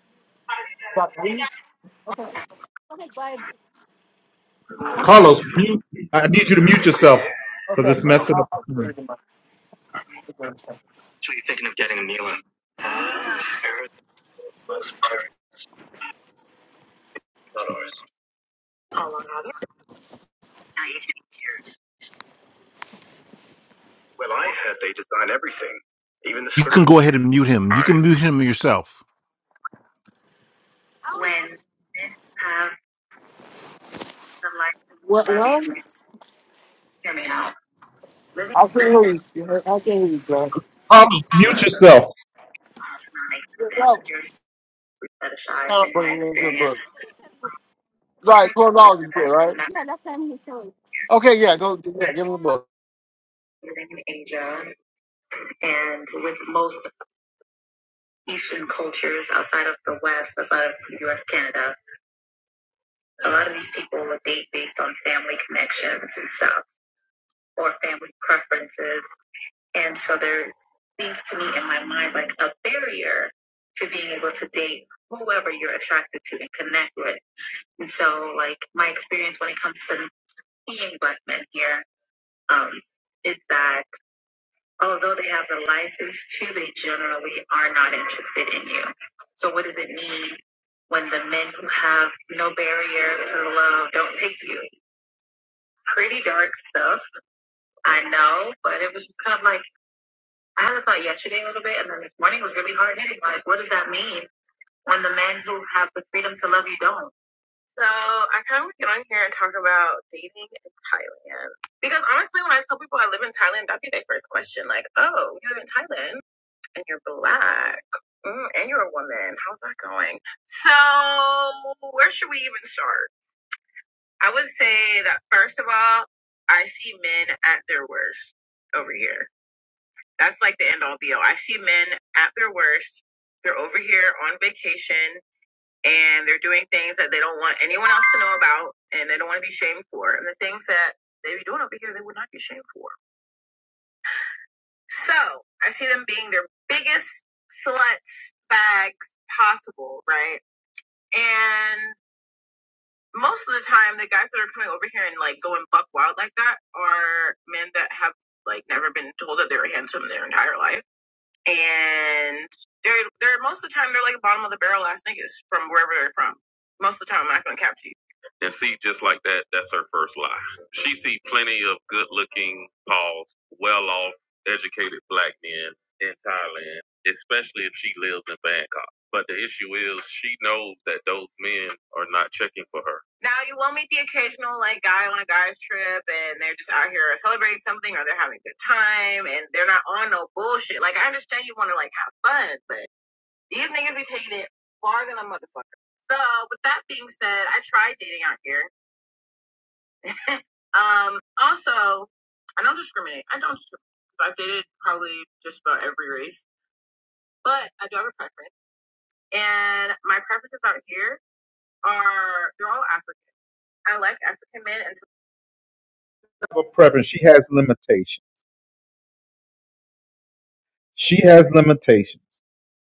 Speaker 3: About to leave? Okay. Okay. uh,
Speaker 1: Carlos, mute. I need you to mute yourself because it's
Speaker 3: uh,
Speaker 1: messing up
Speaker 3: I'll-
Speaker 1: the
Speaker 3: I'll carry
Speaker 1: sound.
Speaker 3: them up. Okay.
Speaker 2: You can go ahead and mute him. You can mute him yourself.
Speaker 1: When men have the license to
Speaker 3: What?
Speaker 1: love you,
Speaker 3: What?
Speaker 1: hear me out. Living
Speaker 3: I can hear you. I can hear
Speaker 1: Carlos, mute yourself.
Speaker 3: you, John.
Speaker 1: fetishized
Speaker 3: Count,
Speaker 1: in
Speaker 3: but
Speaker 1: my
Speaker 3: we did
Speaker 1: experience.
Speaker 3: book. Right,
Speaker 1: Her
Speaker 3: twelve
Speaker 1: story
Speaker 3: dollars is good,
Speaker 1: of
Speaker 3: right?
Speaker 1: not
Speaker 3: Okay, yeah, go. Yeah, give him the book.
Speaker 1: living in Asia and with most Eastern cultures outside of the West, outside of the US, Canada, a lot of these people will date based on family connections and stuff or family preferences. And so there seems to me in my mind like a barrier to being able to date whoever you're attracted to and connect with. And so like my experience when it comes to seeing black men here, um, is that although they have the license to, they generally are not interested in you. So what does it mean when the men who have no barrier to love don't pick you? Pretty dark stuff, I know, but it was just kind of like I had a thought yesterday a little bit, and then this morning was really hard hitting. Like, what does that mean when the men who have the freedom to love you don't? So I kind of want to get on here and talk about dating in Thailand because honestly, when I tell people I live in Thailand, that'd be their first question, like, "Oh, you live in Thailand?" and you're black. Mm, and you're a woman. How's that going? So, where should we even start? I would say that first of all, I see men at their worst over here. That's like the end all be all. I see men at their worst. They're over here on vacation and they're doing things that they don't want anyone else to know about and they don't want to be shamed for. And the things that they be doing over here, they would not be shamed for. So I see them being their biggest sluts bags possible, right? And most of the time, the guys that are coming over here and like going buck wild like that are men that have like told that they were handsome their entire life, and And see, just like that, that's her first lie. She see plenty of good-looking, pause, well-off, educated black men in Thailand, especially if she lives in Bangkok. But the issue is, she knows that those men are not checking for her. Now you will meet the occasional guy on a guy's trip, and they're just out here celebrating something, or they're having a good time, and they're not on no bullshit. Like I understand you want to like have fun, but these niggas be taking it farther than a motherfucker. So with that being said, I tried dating out here. Um, also, I don't discriminate. I don't discriminate. I've dated probably just about every race, but I do have a preference. And my preferences out here are they're all African. I like African men and have a preference. She has limitations. She has limitations.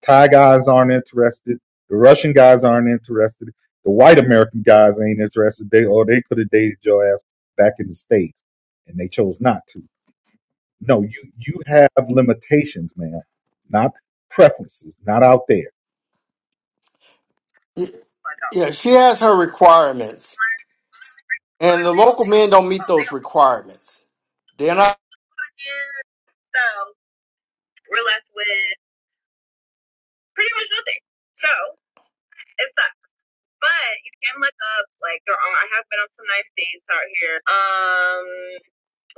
Speaker 1: Thai guys aren't interested. The Russian guys aren't interested. The white American guys ain't interested. They or they could have dated your ass back in the states, and they chose not to. No, you you have limitations, ma'am. Not preferences. Not out there.
Speaker 3: Y-
Speaker 1: I don't
Speaker 3: Yeah, she has her requirements,
Speaker 1: want
Speaker 3: and
Speaker 1: to
Speaker 3: the
Speaker 1: leave.
Speaker 3: local men don't meet
Speaker 1: Oh, they
Speaker 3: those
Speaker 1: don't want
Speaker 3: requirements. They're not
Speaker 1: to So we're left with pretty much nothing. So it sucks. But you can look up, like, there are, I have been on some nice dates out here. Um,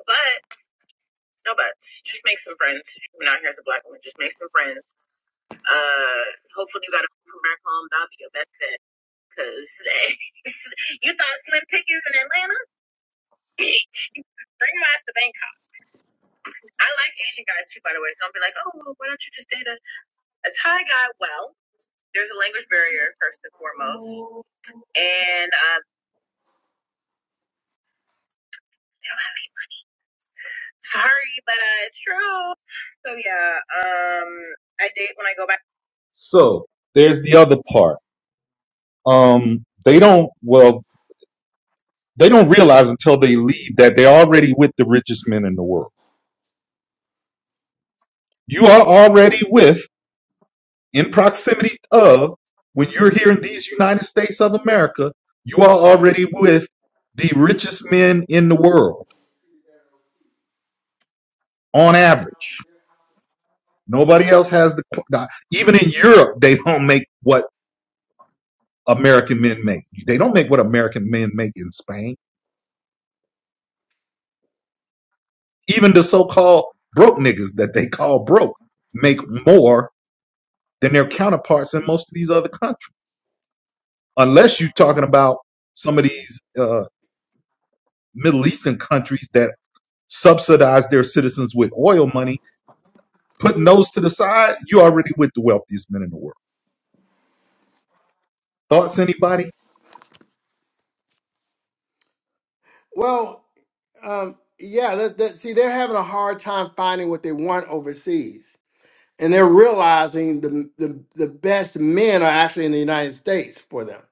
Speaker 1: but, no buts. Just make some friends. When out here as a black woman, just make some friends. Uh, hopefully you got a friend from back home. That'll be your best bet. Cause you thought Slim Pickens in Atlanta? Bitch. Bring your ass to Bangkok. I like Asian guys too, by the way. So I'll be like, oh, well, why don't you just date a, a Thai guy? Well, there's a language barrier first and foremost, and um, sorry, but uh, it's true. So yeah, um, I date when I go back. So there's the other part. Um, they don't well, they don't realize until they leave that they're already with the richest men in the world. You are already with in proximity of when you're here in these United States of America, you are already with the richest men in the world on average. Nobody else has the even in Europe they don't make what American men make. They don't make what American men make in Spain. Even the so-called broke niggas that they call broke make more than their counterparts in most of these other countries. Unless you're talking about some of these uh, Middle Eastern countries that subsidize their citizens with oil money, putting those to the side, you already with the wealthiest men in the world. Thoughts, anybody?
Speaker 3: well. Um, yeah, that, that, see, they're having a hard time finding what they want overseas, and they're realizing the, the the best men are actually in the United States for them,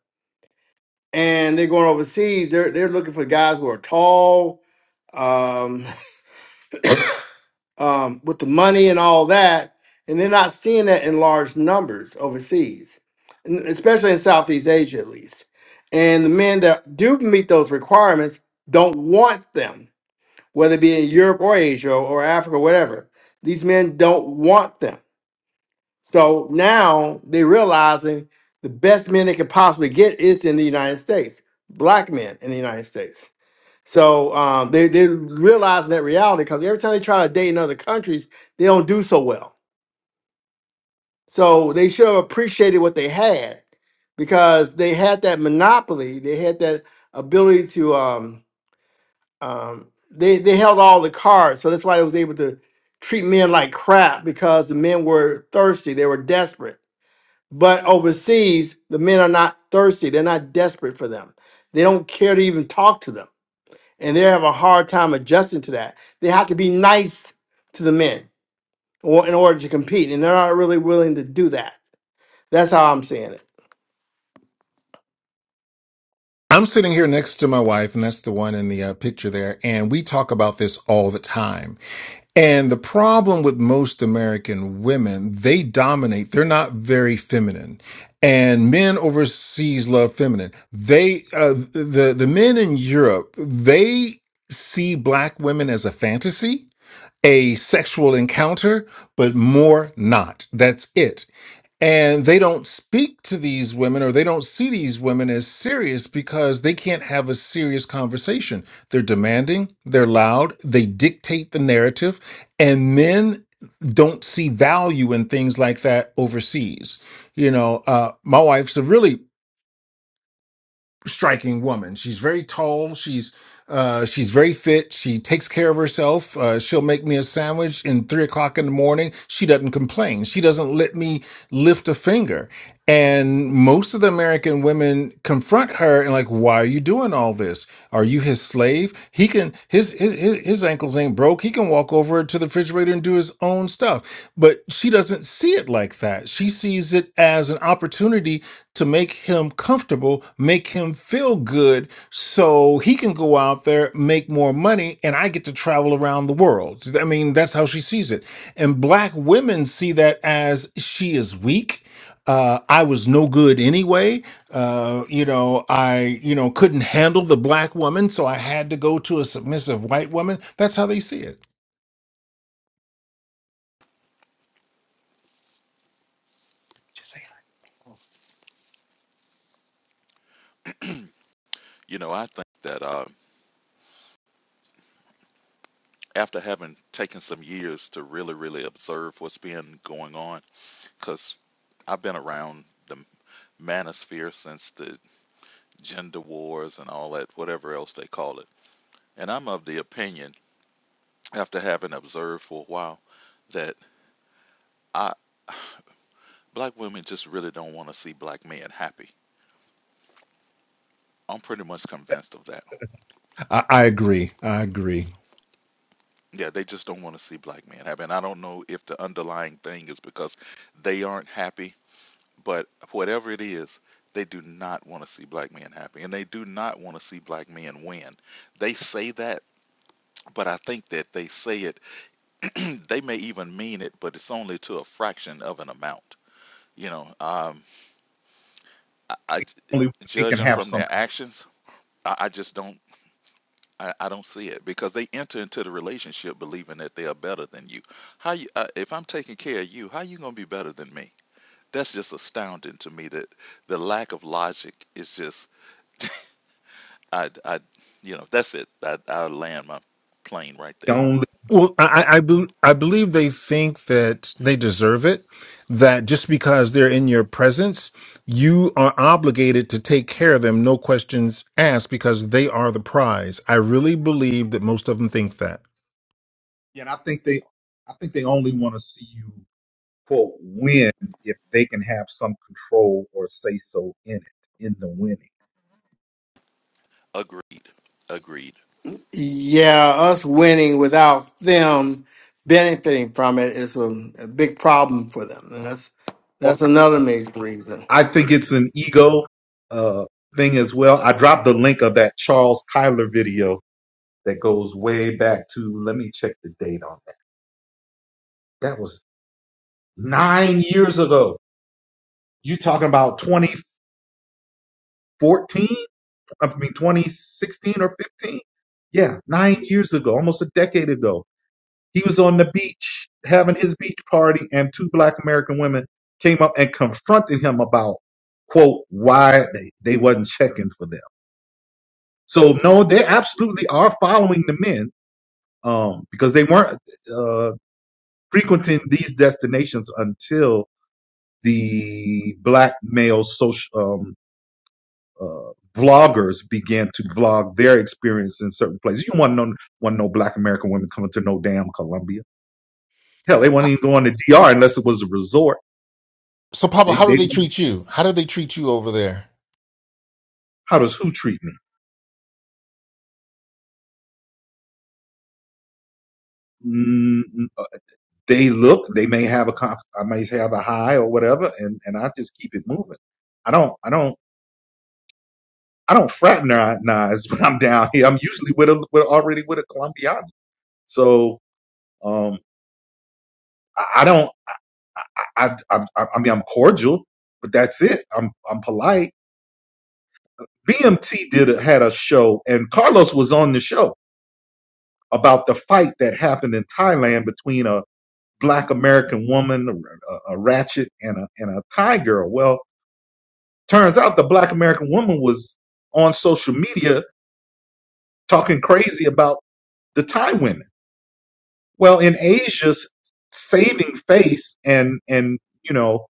Speaker 3: and they're going overseas. They're they're looking for guys who are tall, um, um, with the money and all that, and they're not seeing that in large numbers overseas, n- especially in Southeast Asia at least. And the men that do meet those requirements don't want them, whether it be in Europe or Asia or Africa, whatever. These men don't want them. So now they're realizing the best men they could possibly get is in the United States, black men in the United States. So um, they they realizing that reality because every time they try to date in other countries, they don't do so well. So they should have appreciated what they had because they had that monopoly. They had that ability to um, um, they they held all the cards. So that's why they was able to treat men like crap because the men were thirsty. They were desperate. But overseas, the men are not thirsty. They're not desperate for them. They don't care to even talk to them and they have a hard time adjusting to that. They have to be nice to the men or in order to compete, and they're not really willing to do that. That's how I'm seeing it.
Speaker 2: I'm sitting here next to my wife, and that's the one in the uh, picture there. And we talk about this all the time. And the problem with most American women, they dominate. They're not very feminine. And men overseas love feminine. They, uh, the, the men in Europe, they see black women as a fantasy, a sexual encounter, but more not. That's it and they don't speak to these women or they don't see these women as serious because they can't have a serious conversation. They're demanding, they're loud, they dictate the narrative, and men don't see value in things like that overseas. You know, uh, my wife's a really striking woman. She's very tall. She's uh, she's very fit. She takes care of herself. Uh, she'll make me a sandwich in three o'clock in the morning. She doesn't complain. She doesn't let me lift a finger and most of the american women confront her and like why are you doing all this are you his slave he can his his his his ankles ain't broke he can walk over to the refrigerator and do his own stuff but she doesn't see it like that she sees it as an opportunity to make him comfortable make him feel good so he can go out there make more money and i get to travel around the world i mean that's how she sees it and black women see that as she is weak uh, I was no good anyway. Uh, you know, I you know couldn't handle the black woman, so I had to go to a submissive white woman. That's how they see it. Just saying.
Speaker 4: You know, I think that uh, after having taken some years to really, really observe what's been going on, because I've been around the manosphere since the gender wars and all that, whatever else they call it. And I'm of the opinion, after having observed for a while, that I, black women just really don't want to see black men happy. I'm pretty much convinced of that
Speaker 2: I, I agree. I agree.
Speaker 4: Yeah, they just don't want to see black men happy. And I don't know if the underlying thing is because they aren't happy, but whatever it is, they do not want to see black men happy. And they do not want to see black men win. They say that, but I think that they say it, they may even mean it, but it's only to a fraction of an amount. You know, um, I, I-
Speaker 1: Only they can
Speaker 4: judging
Speaker 1: have
Speaker 4: from their
Speaker 1: something.
Speaker 4: actions, I, I just don't. I, I don't see it because they enter into the relationship believing that they are better than you. How you uh, if I'm taking care of you, how you gonna be better than me? That's just astounding to me that the lack of logic is just I I you know that's it. I I land my plane right
Speaker 1: They
Speaker 4: there.
Speaker 1: only,
Speaker 2: Well, I, I, I bel- I believe they think that they deserve it, that just because they're in your presence, you are obligated to take care of them, no questions asked, because they are the prize. I really believe that most of them think that.
Speaker 1: Yeah, and I think they, I think they only want to see you. quote win if they can have some control or say so in it in the winning
Speaker 4: Agreed.
Speaker 1: yeah.
Speaker 4: Agreed.
Speaker 3: Yeah, us winning without them benefiting from it is a, a big problem for them, and that's
Speaker 1: well,
Speaker 3: that's another major reason.
Speaker 1: i think it's an ego uh, thing as well i dropped the link of that charles tyler video that goes way back to let me check the date on that that was nine years ago you talking about twenty. 14, I mean 2016 or 15. Yeah, nine years ago, almost a decade ago. He was on the beach having his beach party, and two black American women came up and confronted him about, quote, why they, they wasn't checking for them. So no, they absolutely are following the men um, because they weren't uh, frequenting these destinations until the black male social um. uh, vloggers began to vlog their experience in certain places. You want to know, want to know black American women coming to no damn Columbia. Hell, they wouldn't even go on the DR unless it was a resort.
Speaker 2: So, Pablo,
Speaker 1: They,
Speaker 2: how do
Speaker 1: they,
Speaker 2: they treat you? How do they treat you over there?
Speaker 1: how does who treat me? Mm, uh, they look, they may have a conf, I may have a high or whatever, and, and I just keep it moving. I don't, I don't, I don't fraternize when I'm down here. I'm usually with a, with already with a Colombian. So, um, I I don't. I, I, I, I I mean, I'm cordial, but that's it. I'm, I'm polite. BMT did a, had a show, and Carlos was on the show about the fight that happened in Thailand between a black American woman, a, a ratchet, and a and a Thai girl. Well, turns out the black American woman was on social media talking crazy about the Thai women. Well, in Asia's saving face and and you know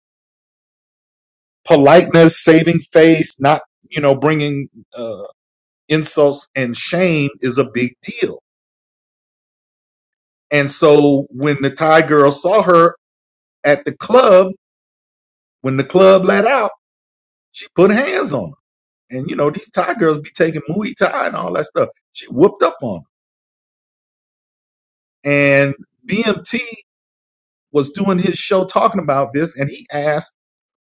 Speaker 1: politeness, saving face, not you know bringing uh, insults and shame is a big deal. And so when the Thai girl saw her at the club, when the club let out, she put hands on her. And you know, these Thai girls be taking Muay Thai and all that stuff. She whooped up on her. And BMT was doing his show talking about this and he asked,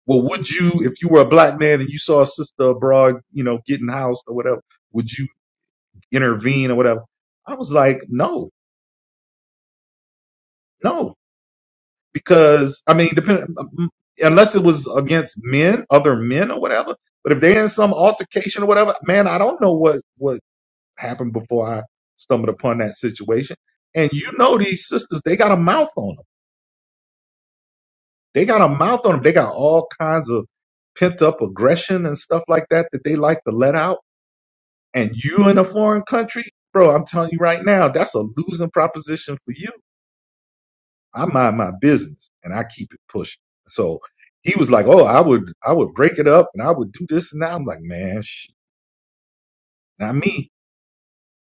Speaker 1: Well, would you, if you were a black man and you saw a sister abroad, you know, getting housed or whatever, would you intervene or whatever? I was like, No, no, because I mean, depending um, mm, unless it was against men, other men or whatever. But if they're in some altercation or whatever, man, I don't know what what happened before I stumbled upon that situation. And you know, these sisters, they got a mouth on them. They got a mouth on them. They got all kinds of pent up aggression and stuff like that that they like to let out. And you in a foreign country, bro, I'm telling you right now, that's a losing proposition for you I mind my business and I keep it pushing. So he was like, "Oh, I would, I would break it up and I would do this and that." I'm like, "Man, sh- not me.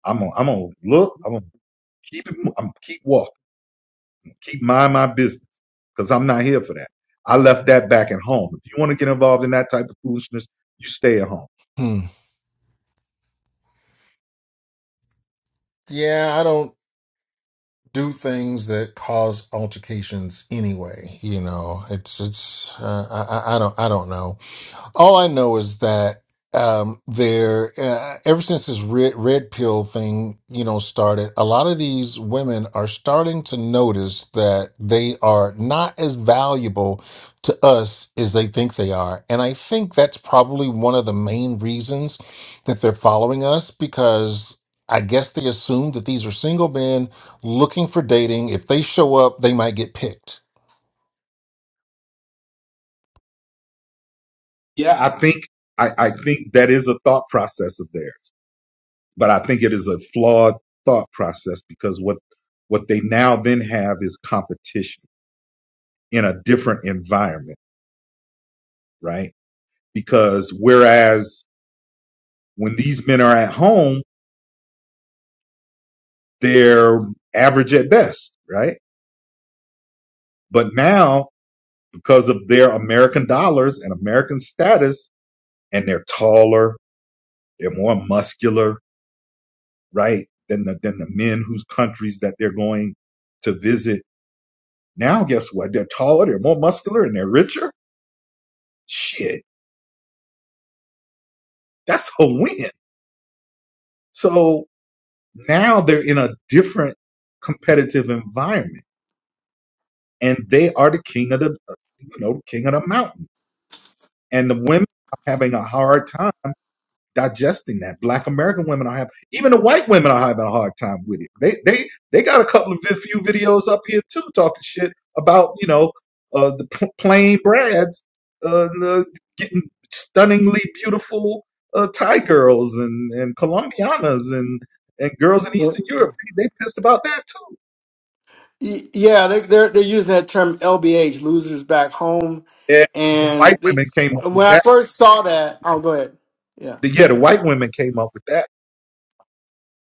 Speaker 1: I'm, gonna, I'm gonna look. I'm gonna keep it. mo- I'm gonna keep walking. Keep mind my business because I'm not here for that. I left that back at home. If you want to get involved in that type of foolishness, you stay at home.
Speaker 2: Hmm. Yeah, I don't do things that cause altercations anyway. You know, it's it's uh, I I I don't I don't know. all I know is that um, there, uh, ever since this red, red pill thing, you know, started, a lot of these women are starting to notice that they are not as valuable to us as they think they are. And I think that's probably one of the main reasons that they're following us because I guess they assume that these are single men looking for dating. If they show up, they might get picked.
Speaker 1: Yeah, I think, I, I think that is a thought process of theirs, but I think it is a flawed thought process because what, what they now then have is competition in a different environment, right? Because whereas when these men are at home, they're average at best, right? But now, because of their American dollars and American status, and they're taller, they're more muscular, right? Than the, than the men whose countries that they're going to visit. Now, guess what? They're taller, they're more muscular, and they're richer. Shit, that's a win. So now they're in a different competitive environment and they are the king of the you know king of the mountain. And the women are having a hard time digesting that. Black American women are having, even the white women are having a hard time with it. They they they got a couple of vi- few videos up here too talking shit about you know uh, the p- plain brads uh, the, getting stunningly beautiful uh, Thai girls and and Colombianas and and girls in
Speaker 3: Y-
Speaker 1: Eastern Europe. They, they pissed about that too.
Speaker 3: Yeah, they, they're they're using that term LBH, losers back home,
Speaker 1: Yeah, the white
Speaker 3: and they,
Speaker 1: women came up with
Speaker 3: when
Speaker 1: that.
Speaker 3: I first saw that, oh, go ahead. Yeah.
Speaker 1: The, yeah, the white women came up with that.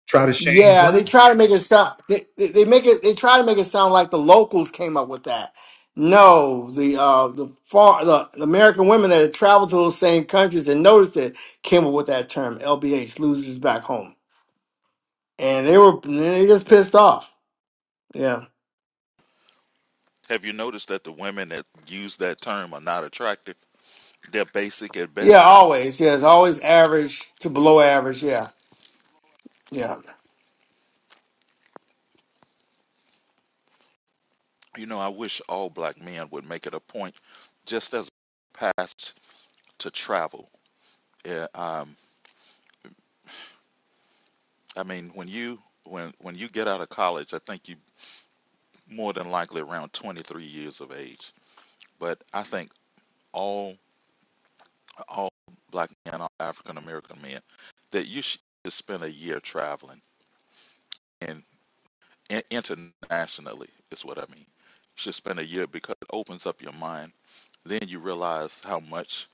Speaker 1: Try to shame
Speaker 3: Yeah,
Speaker 1: brown.
Speaker 3: they try to make it sound. They, they they make it. They try to make it sound like the locals came up with that. No, the uh, the, far, the the American women that had traveled to those same countries and noticed it came up with that term "LBH" losers back home, and they were and they just pissed off. Yeah,
Speaker 4: Have you noticed that the women that use that term are not attractive? They're basic at
Speaker 3: yeah,
Speaker 4: best.
Speaker 3: always. Yeah, it's always average to below average. Yeah, yeah.
Speaker 4: You know, I wish all black men would make it a point, just as past to travel. Yeah, um, I mean, when you when when you get out of college, I think you more than likely around 23 years of age. But I think all all black men, all African American men, that you should spend a year traveling and in, internationally is what I mean. You Should spend a year because it opens up your mind. Then you realize how much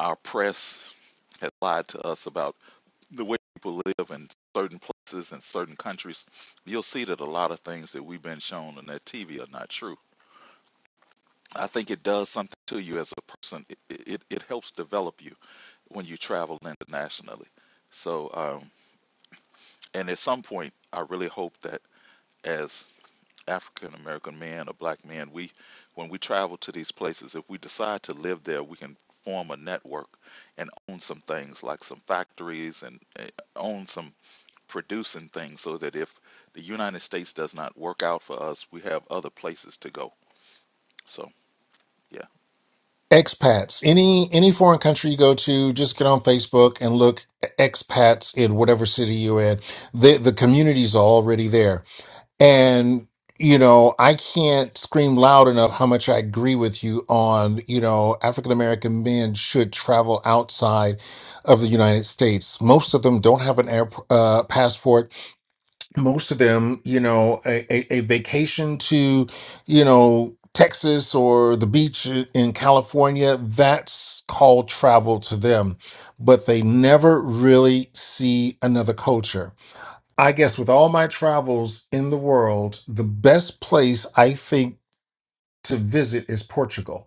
Speaker 4: our press has lied to us about the way people live in certain places and certain countries, you'll see that a lot of things that we've been shown on that TV are not true. I think it does something to you as a person. It it, it helps develop you when you travel internationally. So, um, and at some point, I really hope that as African American men or black men, we when we travel to these places, if we decide to live there, we can form a network and own some things like some factories and uh, own some producing things so that if the United States does not work out for us, we have other places to go. So, yeah.
Speaker 2: Expats, any any foreign country you go to, just get on Facebook and look e-, expats in whatever city you're in. The the communities are already there. and you know i can't scream loud enough how much i agree with you on you know african american men should travel outside of the united states most of them don't have an air uh, passport most of them you know a, a, a vacation to you know texas or the beach i- in california that's called travel to them but they never really see another culture I guess with all my travels in the world, the best place I think to visit is Portugal.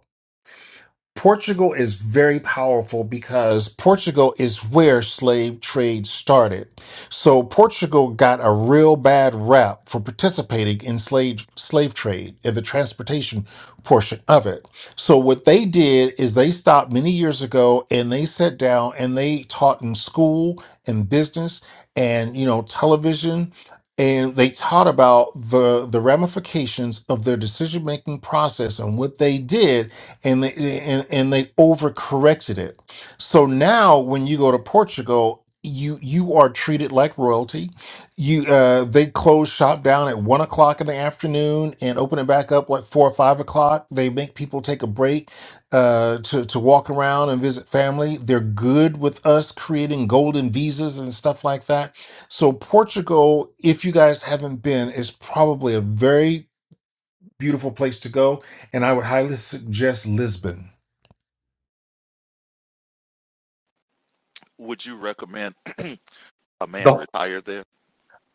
Speaker 2: Portugal is very powerful because Portugal is where slave trade started. So Portugal got a real bad rap for participating in slave slave trade and the transportation portion of it. So what they did is they stopped many years ago and they sat down and they taught in school and business and you know television and they taught about the the ramifications of their decision making process and what they did and they and, and they overcorrected it. So now when you go to Portugal, you you are treated like royalty. You uh, they close shop down at one o'clock in the afternoon and open it back up like four or five o'clock. They make people take a break uh, to to walk around and visit family. They're good with us creating golden visas and stuff like that. So Portugal, if you guys haven't been, is probably a very beautiful place to go and I would highly suggest Lisbon.
Speaker 4: Would you recommend a man
Speaker 1: The,
Speaker 4: retire there?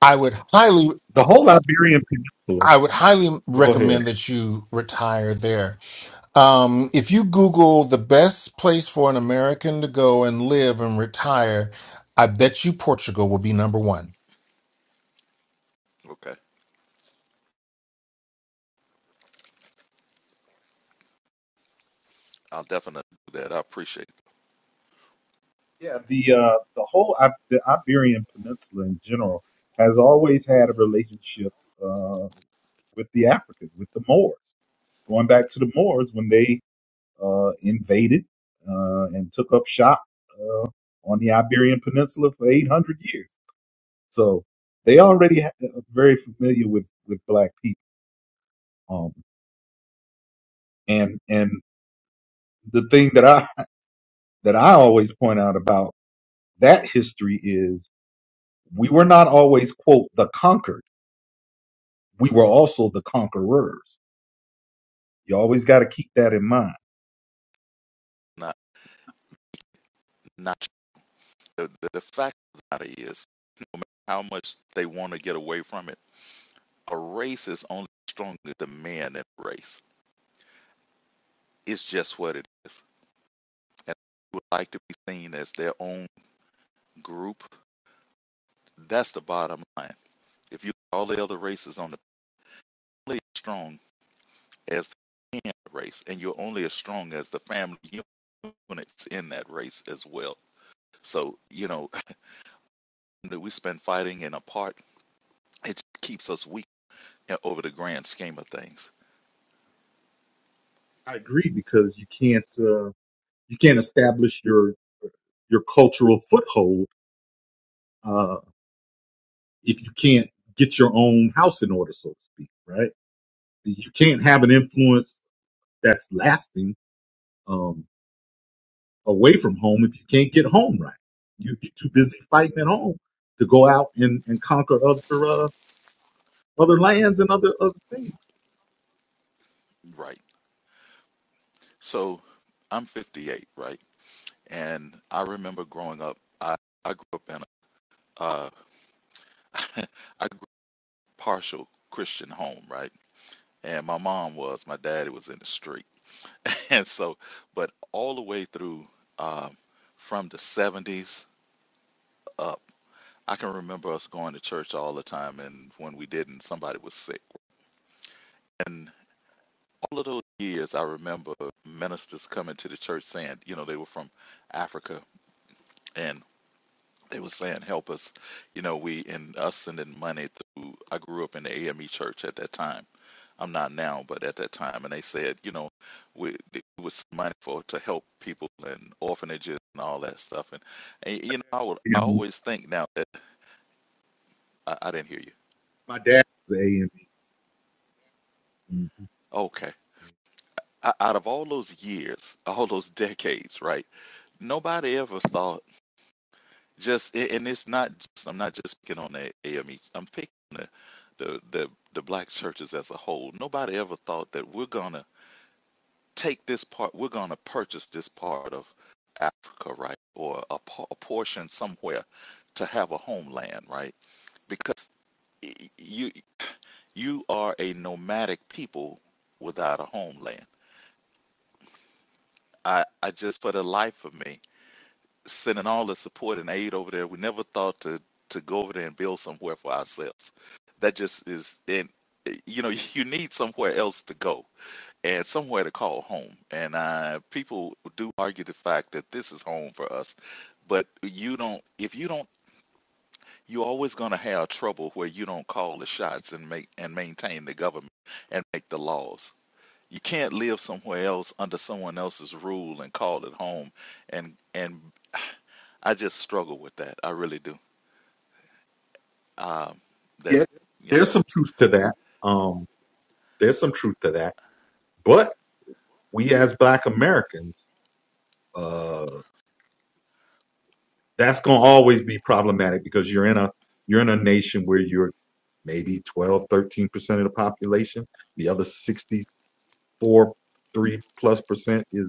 Speaker 2: I would highly
Speaker 1: the whole Iberian Peninsula.
Speaker 2: I would highly
Speaker 1: But go ahead.
Speaker 2: recommend that you retire there. Um, if you Google the best place for an American to go and live and retire, I bet you Portugal will be number one.
Speaker 4: Okay. I'll definitely do that. I appreciate it.
Speaker 1: Yeah, the uh, the whole I- the Iberian Peninsula in general has always had a relationship uh, with the Africans, with the Moors. Going back to the Moors when they uh, invaded uh, and took up shop uh, on the Iberian Peninsula for 800 years. So they already ha- are very familiar with, with black people. Um, and, and the thing that I that I always point out about that history is we were not always quote the conquered. We were also the conquerors. You always got to keep that in mind.
Speaker 4: Not, not the, the, fact of the matter is how much they want to get away from it. A race is only stronger than men in a race. It's just what it is. And they would like to be seen as their own group. That's the bottom line. If you all the other races on the planet strong, as race, and you're only as strong as the family units in that race as well. So, you know, that we spend fighting and apart, it keeps us weak over the grand scheme of things.
Speaker 1: I agree because you can't uh, you can't establish your your cultural foothold uh, if you can't get your own house in order, so to speak. Right? You can't have an influence that's lasting. Um, away from home if you can't get home right. You, you're too busy fighting at home to go out and, and conquer other uh, other lands and other other things.
Speaker 4: Right. So I'm 58, right? And I remember growing up, I, I grew up in a, uh, I grew up partial Christian home, right? And my mom was, my daddy was in the street. And so, but all the way through, um, from the 70s up. I can remember us going to church all the time, and when we didn't, somebody was sick. And all of those years, I remember ministers coming to the church saying, you know, they were from Africa, and they were saying, "Help us," you know, we and us sending money through. I grew up in the AME church at that time. I'm not now, but at that time, and they said, you know, we it was money for to help people and orphanages and all that stuff. And, and you know, I would I
Speaker 1: I mean,
Speaker 4: always think now that I, I didn't hear you.
Speaker 1: my dad was A and E.
Speaker 4: Okay. o- out of all those years, all those decades, right? Nobody ever thought just, a- and it's not. Just, I'm not just picking on the AME. I'm picking the, the the the black churches as a whole. Nobody ever thought that we're gonna take this part. We're gonna purchase this part of Africa, right, or a, po- a portion somewhere to have a homeland, right? Because y- you you are a nomadic people without a homeland. I I just for the life of me. sending all the support and aid over there. We never thought to to go over there and build somewhere for ourselves. That just is, and eh, you know, you need somewhere else to go and somewhere to call home. And uh, people do argue the fact that this is home for us, but you don't. If you don't, you're always going to have trouble where you don't call the shots and make and maintain the government and make the laws. You can't live somewhere else under someone else's rule and call it home and and I just struggle with that. I really do. Um, that,
Speaker 1: yeah,
Speaker 4: you know,
Speaker 1: there's some truth to that. Um, there's some truth to that. But we as Black Americans, uh, that's gonna always be problematic because you're in a you're in a nation where you're maybe 12, 13 percent of the population. The other 64, three plus percent is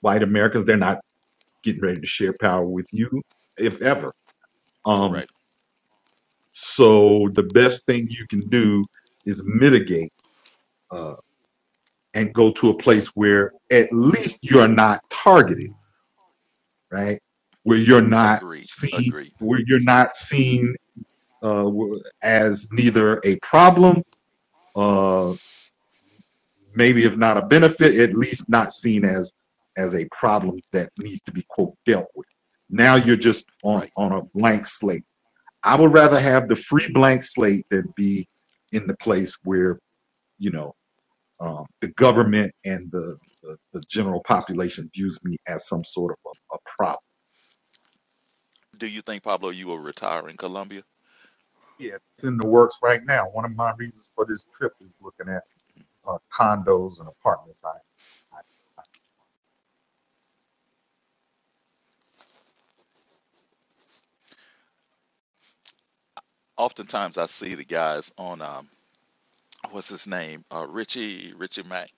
Speaker 1: white Americans, they're not getting ready to share power with you, if ever. Um,
Speaker 4: correct.
Speaker 1: so the best thing you can do is mitigate uh, and go to a place where at least you're not targeted, right? Where you're not
Speaker 4: Agreed.
Speaker 1: seen,
Speaker 4: Agreed.
Speaker 1: where you're not seen uh, as neither a problem, uh, maybe if not a benefit, at least not seen as as a problem that needs to be quote dealt with. Now you're just on
Speaker 4: Right.
Speaker 1: on a blank slate I would rather have the free blank slate than be in the place where you know um, the government and the, the the general population views me as some sort of a, a problem.
Speaker 4: Do you think, Pablo, you will retire in Colombia?
Speaker 1: Yeah, it's in the works right now. One of my reasons for this trip is looking at uh, condos and apartments. I, I
Speaker 4: Oftentimes I see the guys on, um, what's his name? Uh, Richie, Richie Mack.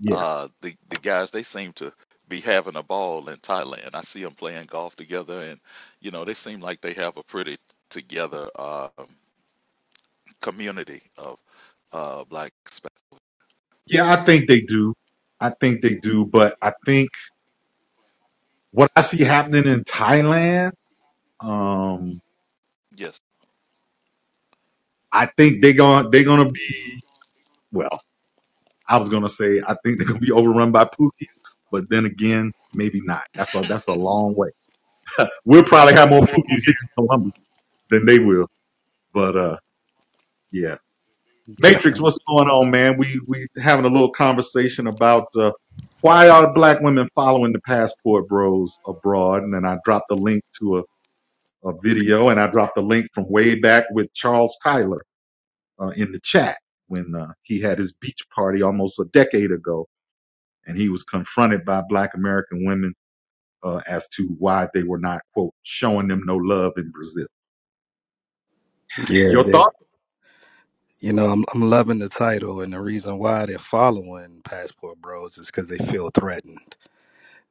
Speaker 1: yeah
Speaker 4: Uh, the, the guys, they seem to be having a ball in Thailand. I see them playing golf together and, you know, they seem like they have a pretty together um, community of uh, black. Hispanic.
Speaker 1: yeah I think they do. I think they do, but I think what I see happening in Thailand, um,
Speaker 4: Yes.
Speaker 1: I think they're gonna they're gonna be well. I was gonna say I think they're gonna be overrun by Pookies, but then again, maybe not. That's a that's a long way. We'll probably have more Pookies here in Columbus than they will. But uh, yeah,
Speaker 5: Can
Speaker 1: Matrix,
Speaker 5: I?
Speaker 1: what's going on, man? We we having a little conversation about uh, why are black women following the passport bros abroad? And then I dropped the link to a, a video, and I dropped the link from way back with Charles Tyler uh, in the chat when uh, he had his beach party almost a decade ago and he was confronted by black American women uh, as to why they were not, quote, showing them no love in Brazil.
Speaker 5: Yeah,
Speaker 1: Your
Speaker 5: they're-
Speaker 1: thoughts
Speaker 5: you know, I'm I'm loving the title, and the reason why they're following Passport Bros is because they feel threatened.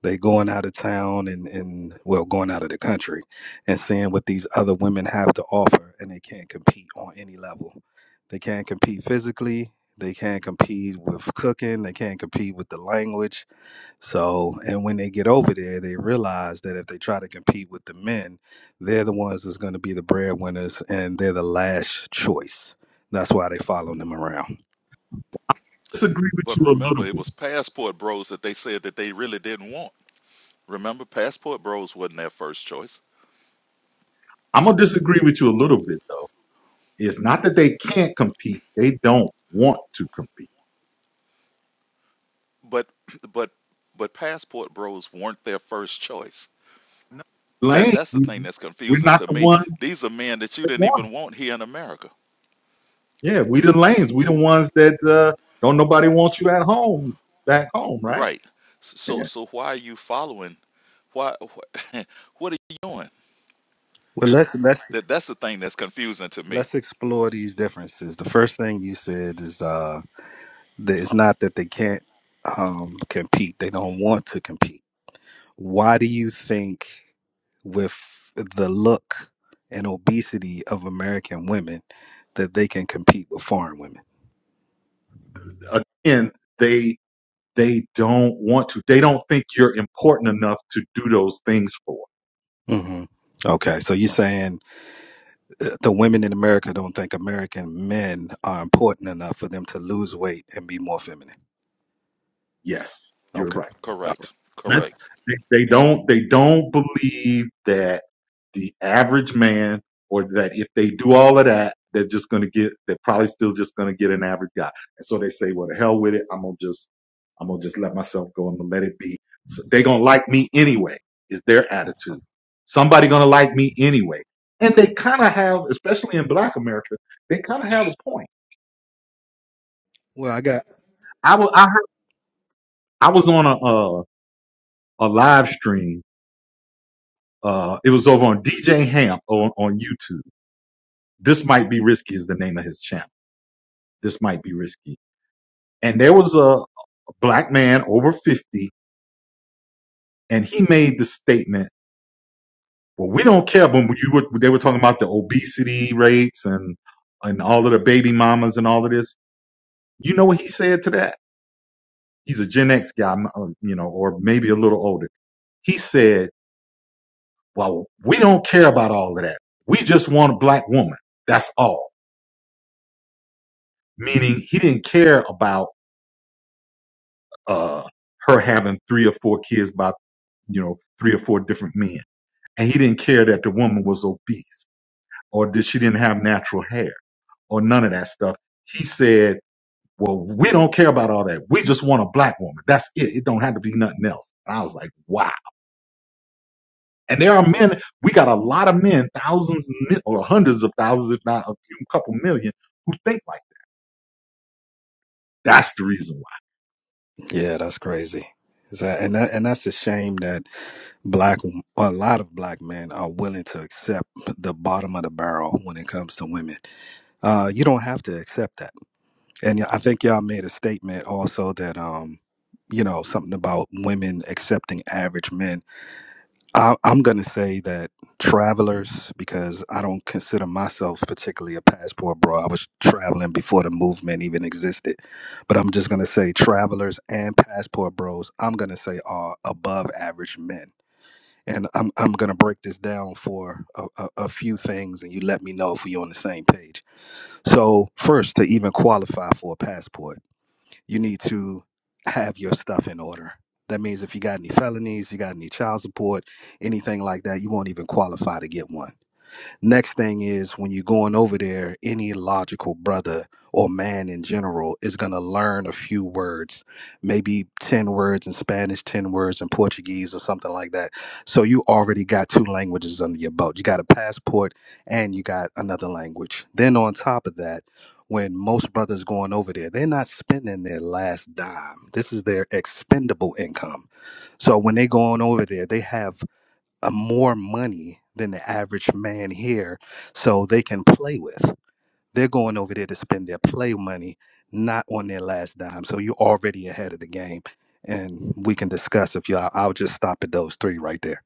Speaker 5: They going out of town and and well, going out of the country, and seeing what these other women have to offer, and they can't compete on any level. They can't compete physically. They can't compete with cooking. They can't compete with the language So, and when they get over there, they realize that if they try to compete with the men, they're the ones that's going to be the breadwinners, and they're the last choice. That's why they follow them around.
Speaker 1: disagree with
Speaker 4: But
Speaker 1: you a little
Speaker 4: remember, it
Speaker 1: bit.
Speaker 4: was passport bros that they said that they really didn't want. Remember, Passport Bros wasn't their first choice,
Speaker 1: I'm going to disagree with you a little bit, though. It's not that they can't compete, they don't want to compete.
Speaker 4: but but but Passport Bros weren't their first choice. That
Speaker 1: Lane,
Speaker 4: that's the thing that's
Speaker 1: we're
Speaker 4: confusing
Speaker 1: not
Speaker 4: to
Speaker 1: the
Speaker 4: me.
Speaker 1: ones
Speaker 4: These are men that you
Speaker 1: that
Speaker 4: didn't
Speaker 1: want it.
Speaker 4: even want here in America,
Speaker 1: Yeah, we the lanes. We the ones that uh, don't nobody want you at home, back home, right?
Speaker 4: right? So
Speaker 1: Yeah.
Speaker 4: so why are you following? Why wh- what are you doing?
Speaker 5: Well, let's let's
Speaker 4: That that's the thing that's confusing to me.
Speaker 5: let's explore these differences. The first thing you said is uh, that it's not that they can't um, compete; they don't want to compete. Why do you think, with the look and obesity of American women, that they can compete with foreign women?
Speaker 1: Again, they They don't want to. They don't think you're important enough to do those things for.
Speaker 5: hmm Okay, so you're saying uh, the women in America don't think American men are important enough for them to lose weight and be more feminine.
Speaker 1: Yes, you're
Speaker 5: Okay,
Speaker 1: right.
Speaker 5: all right,
Speaker 4: Correct.
Speaker 5: all right.
Speaker 1: That's,
Speaker 4: Correct.
Speaker 1: they, they don't they don't believe that the average man or that if they do all of that, they're just gonna get they're probably still just gonna get an average guy. And so they say, well, the hell with it. I'm gonna just I'm gonna just let myself go. I'm gonna let it be. So they gonna like me anyway. Is their attitude? Somebody gonna like me anyway? And they kind of have, especially in Black America, they kind of have a point.
Speaker 5: Well, I got
Speaker 1: I was I, heard, I was on a uh, a live stream uh, it was over on DJ Hamp on, on YouTube. This might be risky is the name of his channel. This might be risky. And there was a black man over 50 and he made the statement, well, we don't care when you were, they were talking about the obesity rates and, and all of the baby mamas and all of this. You know what he said to that? He's a Gen X guy, uh, you know, or maybe a little older. He said, well, we don't care about all of that. We just want a black woman. That's all. Meaning he didn't care about uh, her having three or four kids by you know three or four different men, and he didn't care that the woman was obese or that she didn't have natural hair or none of that stuff. He said, "Well, we don't care about all that. We just want a black woman. That's it. It don't have to be nothing else." And I was like, "Wow!" And there are men. We got a lot of men, thousands mi- or hundreds of thousands, if not a few couple million, who think like that. That's the reason why.
Speaker 5: yeah, that's crazy. Is that- and that, and that's a shame that black a lot of black men are willing to accept the bottom of the barrel when it comes to women. Uh, you don't have to accept that. And I think y'all made a statement also that um, you know something about women accepting average men I, I'm going to say that travelers, because I don't consider myself particularly a passport bro. I was traveling before the movement even existed. But I'm just going to say travelers and passport bros, I'm going to say are above average men. And I'm, I'm going to break this down for a, a, a few things, and you let me know if we're on the same page. So, first, to even qualify for a passport, you need to have your stuff in order. That means if you got any felonies, you got any child support, anything like that, you won't even qualify to get one. Next thing is when you're going over there, any logical brother or man in general is going to learn a few words, maybe 10 words in Spanish, 10 words in Portuguese, or something like that. So you already got two languages under your belt. You got a passport and you got another language. Then on top of that, when most brothers going over there, they're not spending their last dime. This is their expendable income. So when they going over there, they have uh, more money than the average man here so they can play with. They're going over there to spend their play money, not on their last dime. So you're already ahead of the game. And we can discuss if y'all, I'll just stop at those three right there.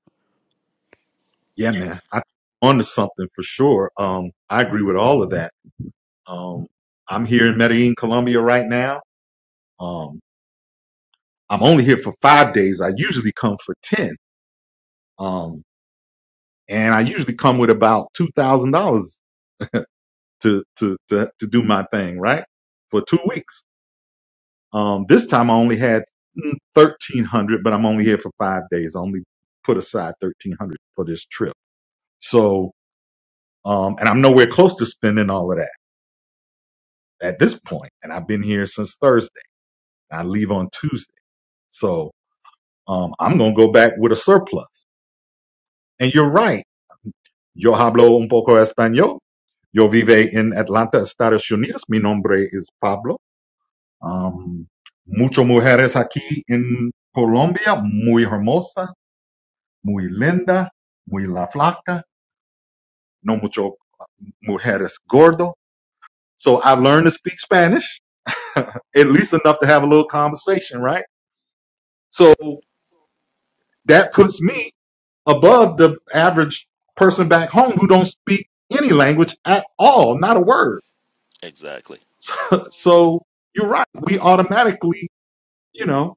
Speaker 1: Yeah, man, I onto something for sure. Um, I agree with all of that Um, I'm here in Medellin, Colombia right now. Um, I'm only here for five days. I usually come for 10. Um, and I usually come with about $2,000 to, to, to, to do my thing, right? For two weeks. Um, this time I only had mm, 1300, but I'm only here for five days. I only put aside 1300 for this trip. So, um, and I'm nowhere close to spending all of that at this point. And I've been here since Thursday. I leave on Tuesday. So, Um, I'm going to go back with a surplus. And you're right. Yo hablo un poco español. Yo vive en Atlanta, Estados Unidos. Mi nombre es Pablo. Um, muchas mujeres aquí en Colombia, muy hermosa, muy linda, muy la flaca. No mucho mujeres gordo. So I have learned to speak Spanish, at least enough to have a little conversation, right? So that puts me above the average person back home who don't speak any language at all, not a word.
Speaker 4: Exactly.
Speaker 1: So, so you're right. We automatically, you know,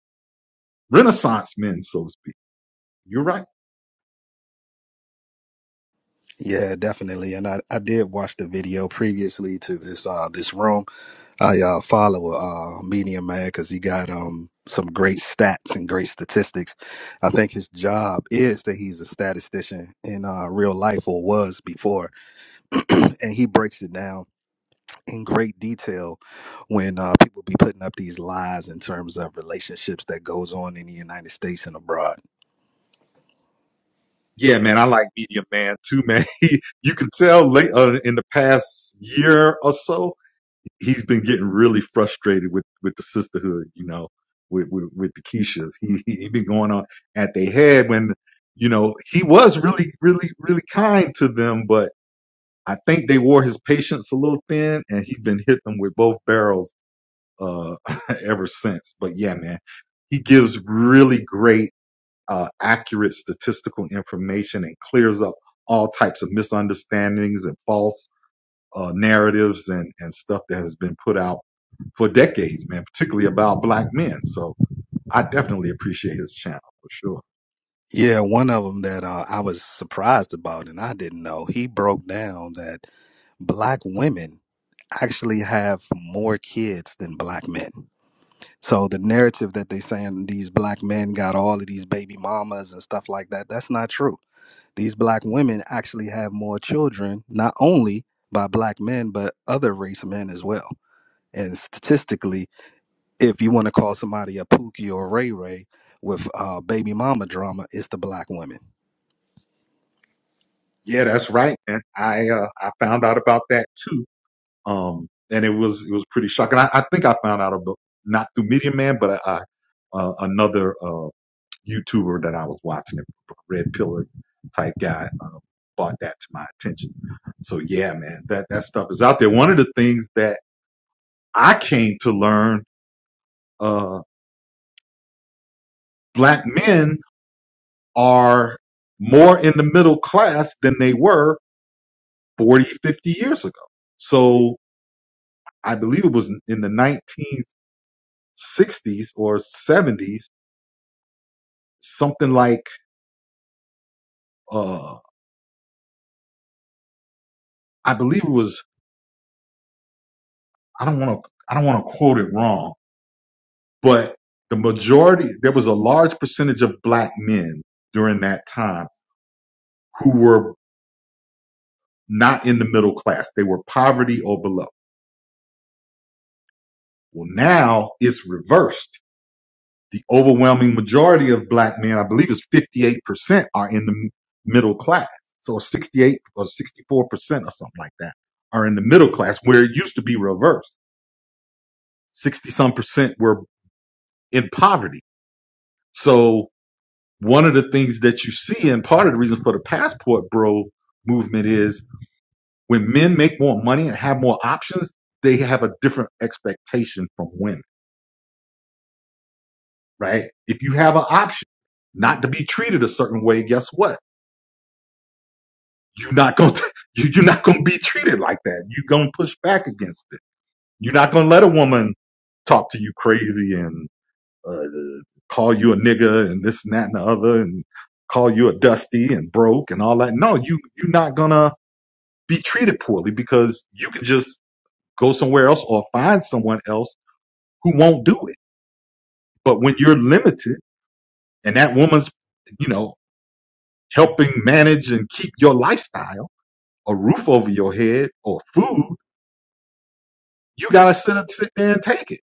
Speaker 1: Renaissance men, so to speak. You're right.
Speaker 5: Yeah, definitely. And I, I did watch the video previously to this uh, this room. I uh, follow a uh, media man because he got um some great stats and great statistics. I think his job is that he's a statistician in uh, real life or was before, and he breaks it down in great detail when uh, people be putting up these lies in terms of relationships that goes on in the United States and abroad.
Speaker 1: Yeah, man, I like Medium Man too, man. He, you can tell late, uh, in the past year or so, he's been getting really frustrated with, with the sisterhood, you know, with, with, with the Keishas. He, he, he been going on at their head when, you know, he was really, really, really kind to them, but I think they wore his patience a little thin, and he's been hitting them with both barrels uh, ever since. But yeah, man, he gives really great, uh, accurate statistical information and clears up all types of misunderstandings and false uh, narratives and, and stuff that has been put out for decades, man, particularly about black men. So I definitely appreciate his channel for sure.
Speaker 5: Yeah, one of them that uh, I was surprised about and I didn't know. He broke down that black women actually have more kids than black men. So the narrative that they saying these black men got all of these baby mamas and stuff like that, that's not true. These black women actually have more children, not only by black men, but other race men as well. And statistically, if you want to call somebody a Pookie or Ray Ray with uh, baby mama drama, it's the black women.
Speaker 1: Yeah, that's right. And I, uh, I found out about that too Um, and it was, it was pretty shocking. I, I think I found out about, not through Media Man, but I, I uh, another, uh, YouTuber that I was watching, a red pillar type guy, uh, brought that to my attention. So yeah, man, that, that stuff is out there. One of the things that I came to learn, uh, black men are more in the middle class than they were 40, 50 years ago. So I believe it was in the 1960s or 70s something like uh I believe it was I don't want to I don't want to quote it wrong, but the majority there was a large percentage of black men during that time who were not in the middle class. They were poverty or below. Well, now it's reversed. The overwhelming majority of black men, I believe is 58% are in the m- middle class. So 68 or 64% or something like that are in the middle class where it used to be reversed. 60 some percent were in poverty So one of the things that you see, and part of the reason for the passport bro movement is when men make more money and have more options, they have a different expectation from women, right? If you have an option not to be treated a certain way, guess what? You're not going to, you, you're not going to be treated like that. You're going to push back against it. You're not going to let a woman talk to you crazy and. uh, call you a nigger and this and that and the other and call you a dusty and broke and all that. No, you, you're not gonna be treated poorly because you can just go somewhere else or find someone else who won't do it. But when you're limited and that woman's, you know, helping manage and keep your lifestyle, a roof over your head or food, you gotta sit up, sit there and take it.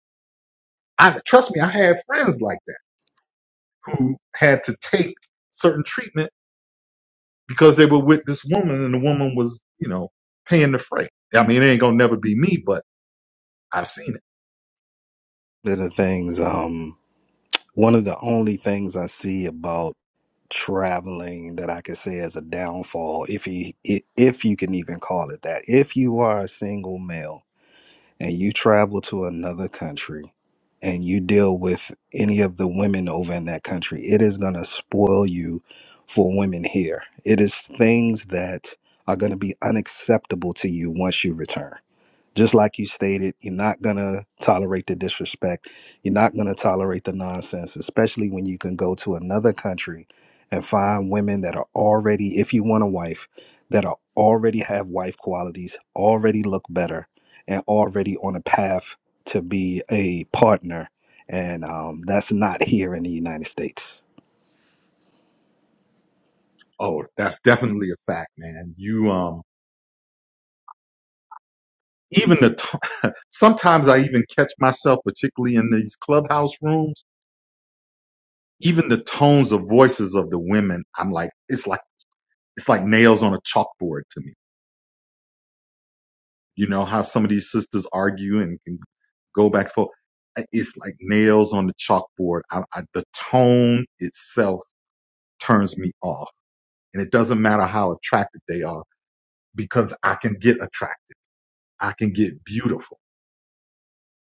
Speaker 1: I trust me, I had friends like that who had to take certain treatment because they were with this woman and the woman was, you know, paying the freight. I mean, it ain't gonna never be me, but I've seen it.
Speaker 5: They're the things, um, one of the only things I see about. traveling that I could say as a downfall, if he i- if you can even call it that. If you are a single male and you travel to another country and you deal with any of the women over in that country, it is going to spoil you for women here. It is things that are going to be unacceptable to you once you return. Just like you stated, you're not going to tolerate the disrespect. You're not going to tolerate the nonsense, especially when you can go to another country and find women that are already, if you want a wife, that are already have wife qualities, already look better, and already on a path to be a partner. And um, that's not here in the United States.
Speaker 1: Oh, that's definitely a fact, man. You, um, even the, t- sometimes I even catch myself, particularly in these clubhouse rooms, even the tones of voices of the women, I'm like, it's like, it's like nails on a chalkboard to me. You know how some of these sisters argue and can go back and forth. It's like nails on the chalkboard. I, I, the tone itself turns me off And it doesn't matter how attractive they are because I can get attractive. I can get beautiful.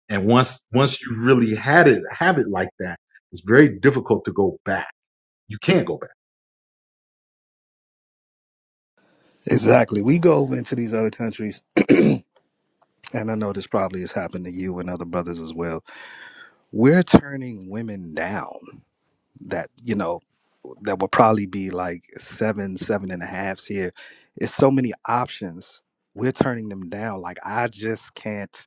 Speaker 1: And once, once you really had it, have it like that, it's very difficult to go back. You can't go back.
Speaker 5: Exactly. We go over into these other countries, and I know this probably has happened to you and other brothers as well. We're turning women down that you know that will probably be like seven seven and a halfs here it's so many options we're turning them down like i just can't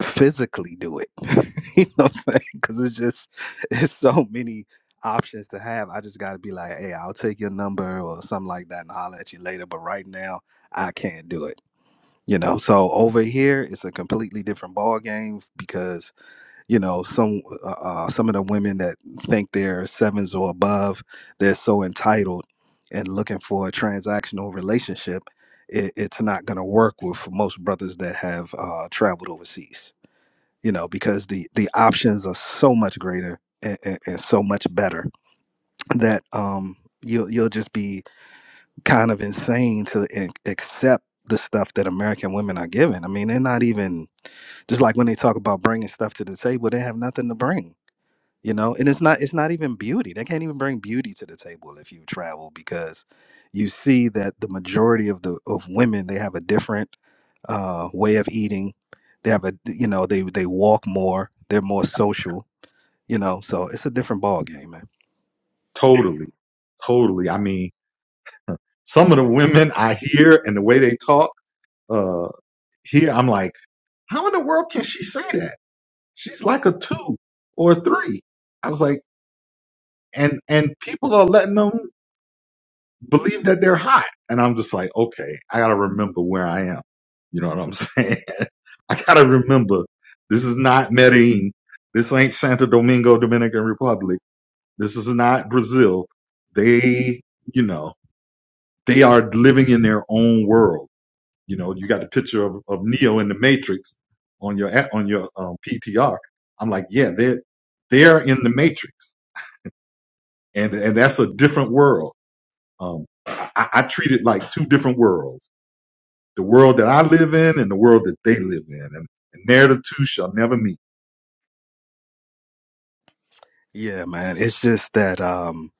Speaker 5: physically do it you know what i'm saying because it's just it's so many options to have i just gotta be like hey i'll take your number or something like that and holler at you later but right now i can't do it you know so over here it's a completely different ball game because you know some uh, uh, some of the women that think they're sevens or above they're so entitled and looking for a transactional relationship it, it's not going to work with most brothers that have uh, traveled overseas you know because the the options are so much greater and, and, and so much better that um you'll you'll just be kind of insane to in- accept the stuff that American women are given. I mean, they're not even just like when they talk about bringing stuff to the table, they have nothing to bring you know and it's not it's not even beauty they can't even bring beauty to the table if you travel because you see that the majority of the of women they have a different uh way of eating they have a you know they they walk more they're more social you know so it's a different ball game man
Speaker 1: Totally. Totally. I mean, some of the women I hear and the way they talk, uh, here, I'm like, how in the world can she say that? She's like a two or a three. I was like, and, and people are letting them. believe that they're hot. And I'm just like, okay, I gotta remember where I am. You know what I'm saying? I gotta remember this is not Medellin. This ain't Santo Domingo, Dominican Republic. This is not Brazil. They, you know, they are living in their own world. You know, you got the picture of, of Neo in the Matrix on your on your um, PTR. I'm like, yeah, they're they're in the Matrix, and and that's a different world. Um, I I treat it like two different worlds the world that I live in and the world that they live in, and, and there the two shall never meet.
Speaker 5: yeah man it's just that um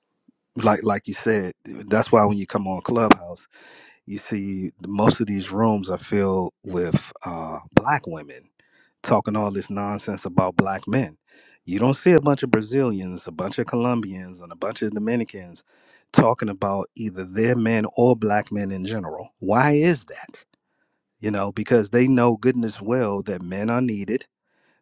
Speaker 5: like like you said that's why when you come on clubhouse you see most of these rooms are filled with uh black women talking all this nonsense about black men. You don't see a bunch of Brazilians, a bunch of Colombians, and a bunch of Dominicans talking about either their men or black men in general. Why is that? You know, because they know goodness well that men are needed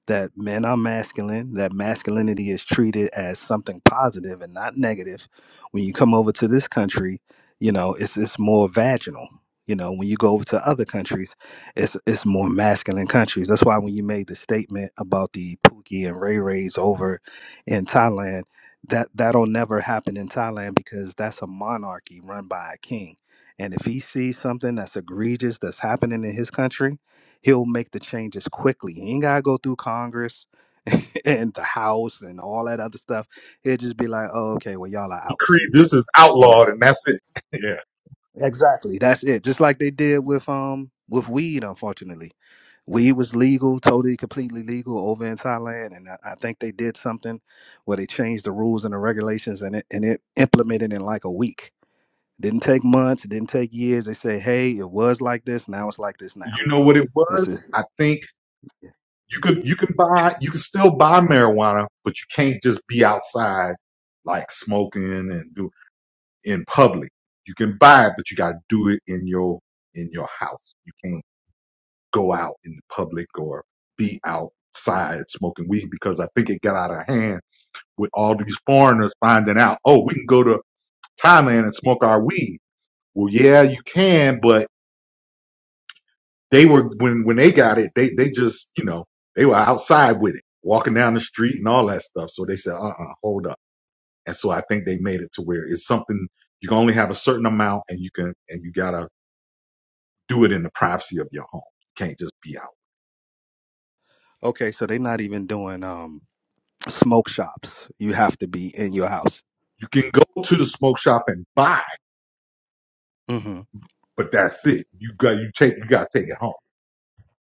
Speaker 5: that men are masculine, that masculinity is treated as something positive and not negative. When you come over to this country, you know, it's it's more vaginal. You know, when you go over to other countries, it's it's more masculine countries. That's why when you made the statement about the Pookie and Ray Rays over in Thailand, that that'll never happen in Thailand because that's a monarchy run by a king. And if he sees something that's egregious that's happening in his country, he'll make the changes quickly. He ain't gotta go through Congress and the House and all that other stuff. He'll just be like, "Oh, okay, well, y'all are
Speaker 1: He
Speaker 5: out."
Speaker 1: creed this is
Speaker 5: You know,
Speaker 1: outlawed, and that's it. yeah,
Speaker 5: exactly. That's it. Just like they did with um with weed, unfortunately. Weed was legal, totally, completely legal over in Thailand, and I, I think they did something where they changed the rules and the regulations, and it and it implemented in like a week. Didn't take months, it didn't take years. They say, "Hey, it was like this, now it's like this now."
Speaker 1: you know what it
Speaker 5: This
Speaker 1: was?
Speaker 5: is
Speaker 1: I think you could you can buy you can still buy marijuana, but you can't just be outside like smoking and do in public. You can buy it, but you got to do it in your in your house. You can't go out in the public or be outside smoking weed because I think it got out of hand with all these foreigners finding out. Oh, we can go to Thailand and smoke our weed. Well, yeah, you can, but they were when when they got it, they they just you know they were outside with it, walking down the street and all that stuff. So they said, uh, uh hold up. And so I think they made it to where it's something you can only have a certain amount, and you can and you gotta do it in the privacy of your home. You can't just be out.
Speaker 5: okay. So they're not even doing um smoke shops. You have to be in your house.
Speaker 1: You can go to the smoke shop and buy,
Speaker 5: hmm
Speaker 1: but that's it. You got you take you gotta take it home.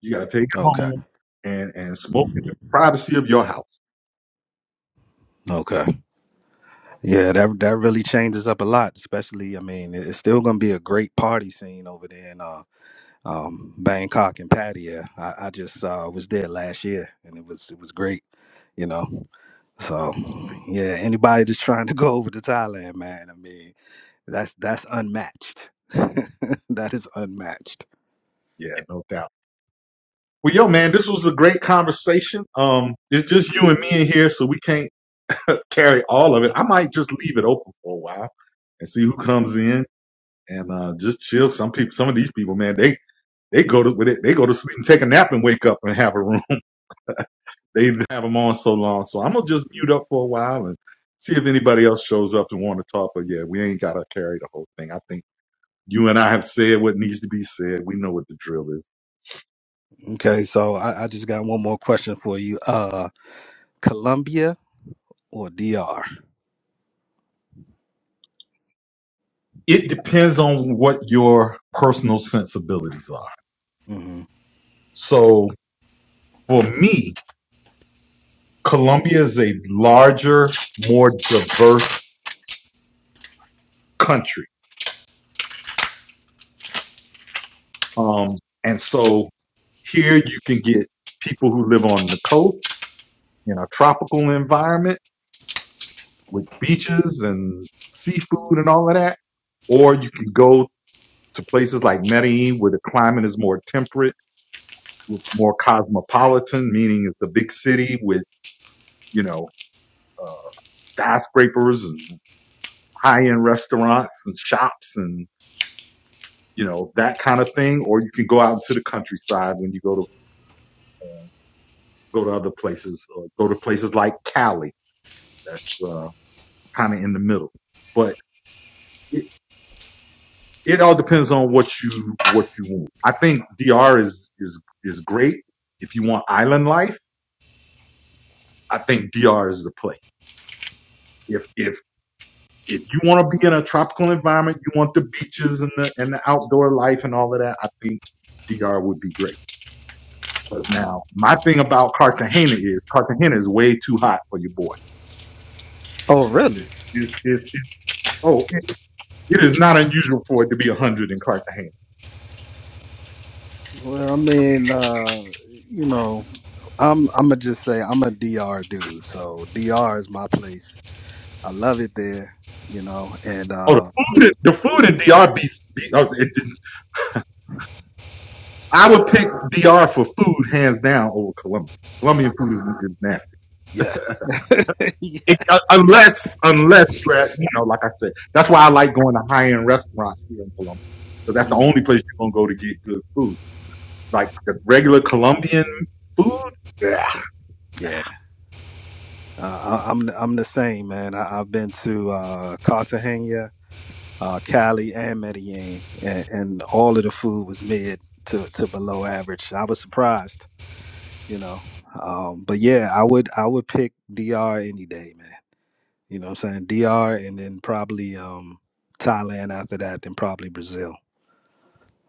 Speaker 1: You gotta take it
Speaker 5: Okay.
Speaker 1: home and and smoke in the privacy of your house.
Speaker 5: Okay. Yeah, that that really changes up a lot. Especially, I mean, it- it's still going to be a great party scene over there in uh, um, Bangkok and Pattaya. I, I just uh, was there last year, and it was it was great. You know. So, yeah, anybody that's trying to go over to Thailand, man, I mean, that's that's unmatched. that is unmatched.
Speaker 1: Yeah, no doubt. Well, yo, man, this was a great conversation. Um, it's just you and me in here, so we can't carry all of it. I might just leave it open for a while and see who comes in and uh, just chill. Some people, some of these people, man, they they go to with it, they go to sleep and take a nap and wake up and have a room. they have them on so long, so I'm gonna just mute up for a while and see if anybody else shows up and want to talk. But yeah, we ain't gotta carry the whole thing. I think you and I have said what needs to be said. We know what the drill is.
Speaker 5: Okay, so I, I just got one more question for you. Uh, Colombia or DR?
Speaker 1: it depends on what your personal sensibilities are.
Speaker 5: hmm
Speaker 1: So for me, Colombia is a larger, more diverse country. Um, and so here you can get people who live on the coast in a tropical environment with beaches and seafood and all of that. Or you can go to places like Medellin where the climate is more temperate. It's more cosmopolitan, meaning it's a big city with, you know, uh, skyscrapers and high-end restaurants and shops and you know that kind of thing or you can go out into the countryside when you go to uh, go to other places or go to places like cali that's uh, kind of in the middle but it, it all depends on what you what you want i think dr is is is great if you want island life i think dr is the place If if if you want to be in a tropical environment, you want the beaches and the and the outdoor life and all of that, I think DR would be great. Because now my thing about Cartagena is Cartagena is way too hot for your boy.
Speaker 5: Oh, really?
Speaker 1: It's it's, it's oh it, it is not unusual for it to be a hundred in Cartagena.
Speaker 5: Well, I mean, uh, you know, I'm I'm gonna just say I'm a DR dude. So DR is my place. I love it there. You know, and
Speaker 1: Oh, the
Speaker 5: uh,
Speaker 1: food, in- the food in DR beats. Be, be oh, it, I would pick DR for food hands down over Colombia. Colombian food is, is nasty.
Speaker 5: yeah, yeah,
Speaker 1: It, uh, unless, unless Dre- you know, like I said, that's why I like going to high end restaurants here in Colombia because that's the
Speaker 5: Mm.
Speaker 1: only place you're gonna go to get good food. Like the regular Colombian food, yeah, nah.
Speaker 5: yeah. Uh, I, I'm I'm the same man. I, I've been to uh, Cartagena, uh, Cali, and Medellin, and, and all of the food was mid to to below average. I was surprised, you know. Um, but yeah, I would I would pick DR any day, man. You know what I'm saying? DR and then probably um Thailand after that, then probably Brazil.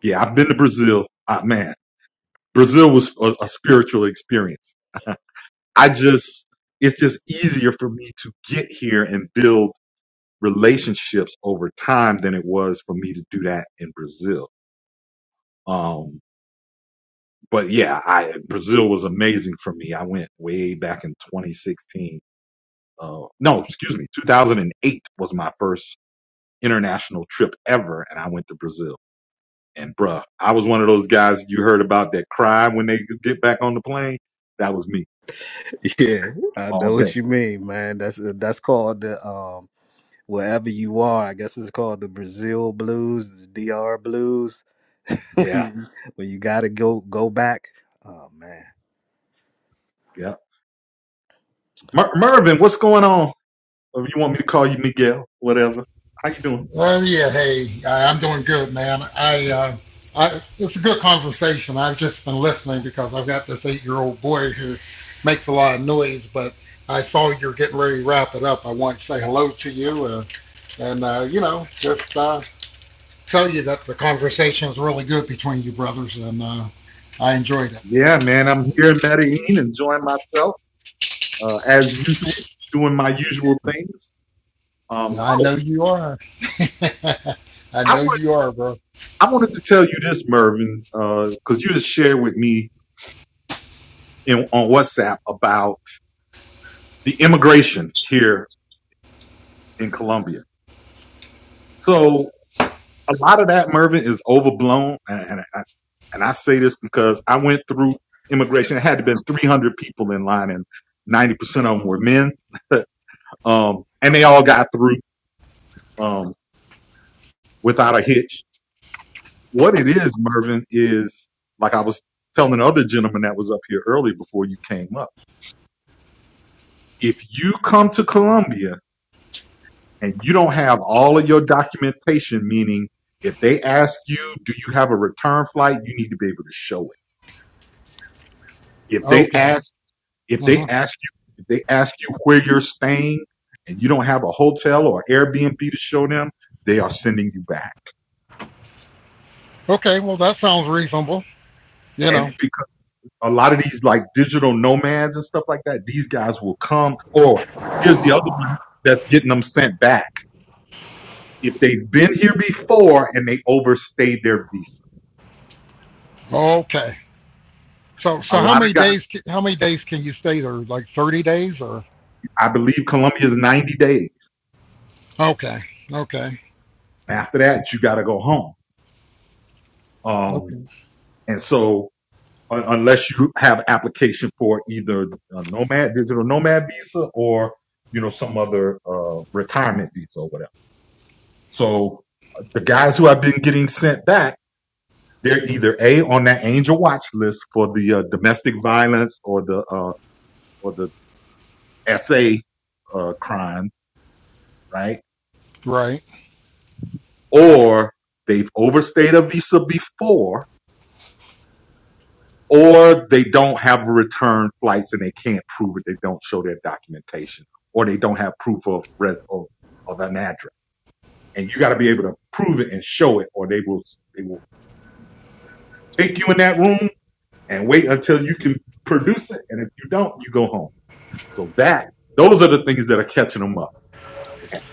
Speaker 1: yeah. I've been to Brazil. Ah, man, Brazil was a, a spiritual experience. I just, it's just easier for me to get here and build relationships over time than it was for me to do that in Brazil. Um. but yeah, I Brazil was amazing for me. I went way back in 2016. Uh, no, excuse me, 2008 was my first international trip ever, and I went to Brazil. And bruh, I was one of those guys you heard about that cry when they get back on the plane. That was me
Speaker 5: Yeah, I
Speaker 1: all
Speaker 5: know
Speaker 1: day.
Speaker 5: what you mean, man. That's uh, that's called the um wherever you are. I guess it's called the Brazil blues, the DR blues. when
Speaker 1: Yeah,
Speaker 5: you when you gotta go go back. Oh man.
Speaker 1: yeah. Mer- Mervin, what's going on? Or you want me to call you Miguel? Whatever. How you doing?
Speaker 6: Well, yeah, hey, I, am doing good, man. I, uh, I, it's a good conversation. I've just been listening because I've got this eight-year-old boy who makes a lot of noise. But I saw you're getting ready to wrap it up. I want to say hello to you, uh, and uh, you know, just uh, tell you that the conversation is really good between you brothers, and uh, I enjoyed it.
Speaker 1: Yeah, man, I'm here in Medellin, enjoying myself uh, as usual, doing my usual things. Um,
Speaker 6: I know you are. I
Speaker 1: I
Speaker 6: know
Speaker 1: wanted
Speaker 6: you are, bro.
Speaker 1: I wanted to tell you this, Mervin, because you just shared with me in, on WhatsApp about the immigration here in Colombia. So a lot of that, Mervin, is overblown, and and I, and I say this because I went through immigration. It had to been 300 people in line, and 90% of them were men, um, and they all got through um, without a hitch. What it is, Mervin, is like I was telling the other gentleman that was up here earlier before you came up if you come to Colombia and you don't have all of your documentation, meaning if they ask you, do you have a return flight? You need to be able to show it. If they
Speaker 6: Okay.
Speaker 1: ask, if
Speaker 6: hmm
Speaker 1: they ask you, if they ask you where you're staying and you don't have a hotel or Airbnb to show them, they are sending you back.
Speaker 6: Okay. Well, that sounds reasonable. You
Speaker 1: And
Speaker 6: know.
Speaker 1: because a lot of these like digital nomads and stuff like that, these guys will come or here's the other one that's getting them sent back if they've been here before and they overstayed their visa.
Speaker 6: Okay. So
Speaker 1: A
Speaker 6: so how
Speaker 1: lot of
Speaker 6: many
Speaker 1: guys,
Speaker 6: days how many days can you stay there? Like 30 days or
Speaker 1: I believe Colombia is 90 days.
Speaker 6: okay. Okay.
Speaker 1: After that, you got to go home. Um,
Speaker 6: Okay.
Speaker 1: and so un- unless you have application for either a nomad, digital nomad visa or, you know, some other, uh, retirement visa or whatever. So uh, the guys who have been getting sent back, they're either A on that angel watch list for the uh, domestic violence or the, uh, or the SA, uh, crimes, right?
Speaker 6: Right.
Speaker 1: Or they've overstayed a visa before or they don't have return flights and they can't prove it. They don't show their documentation, or they don't have proof of res of, of an address. And you got to be able to prove it and show it, or they will they will take you in that room and wait until you can produce it. And if you don't, you go home. So that those are the things that are catching them up.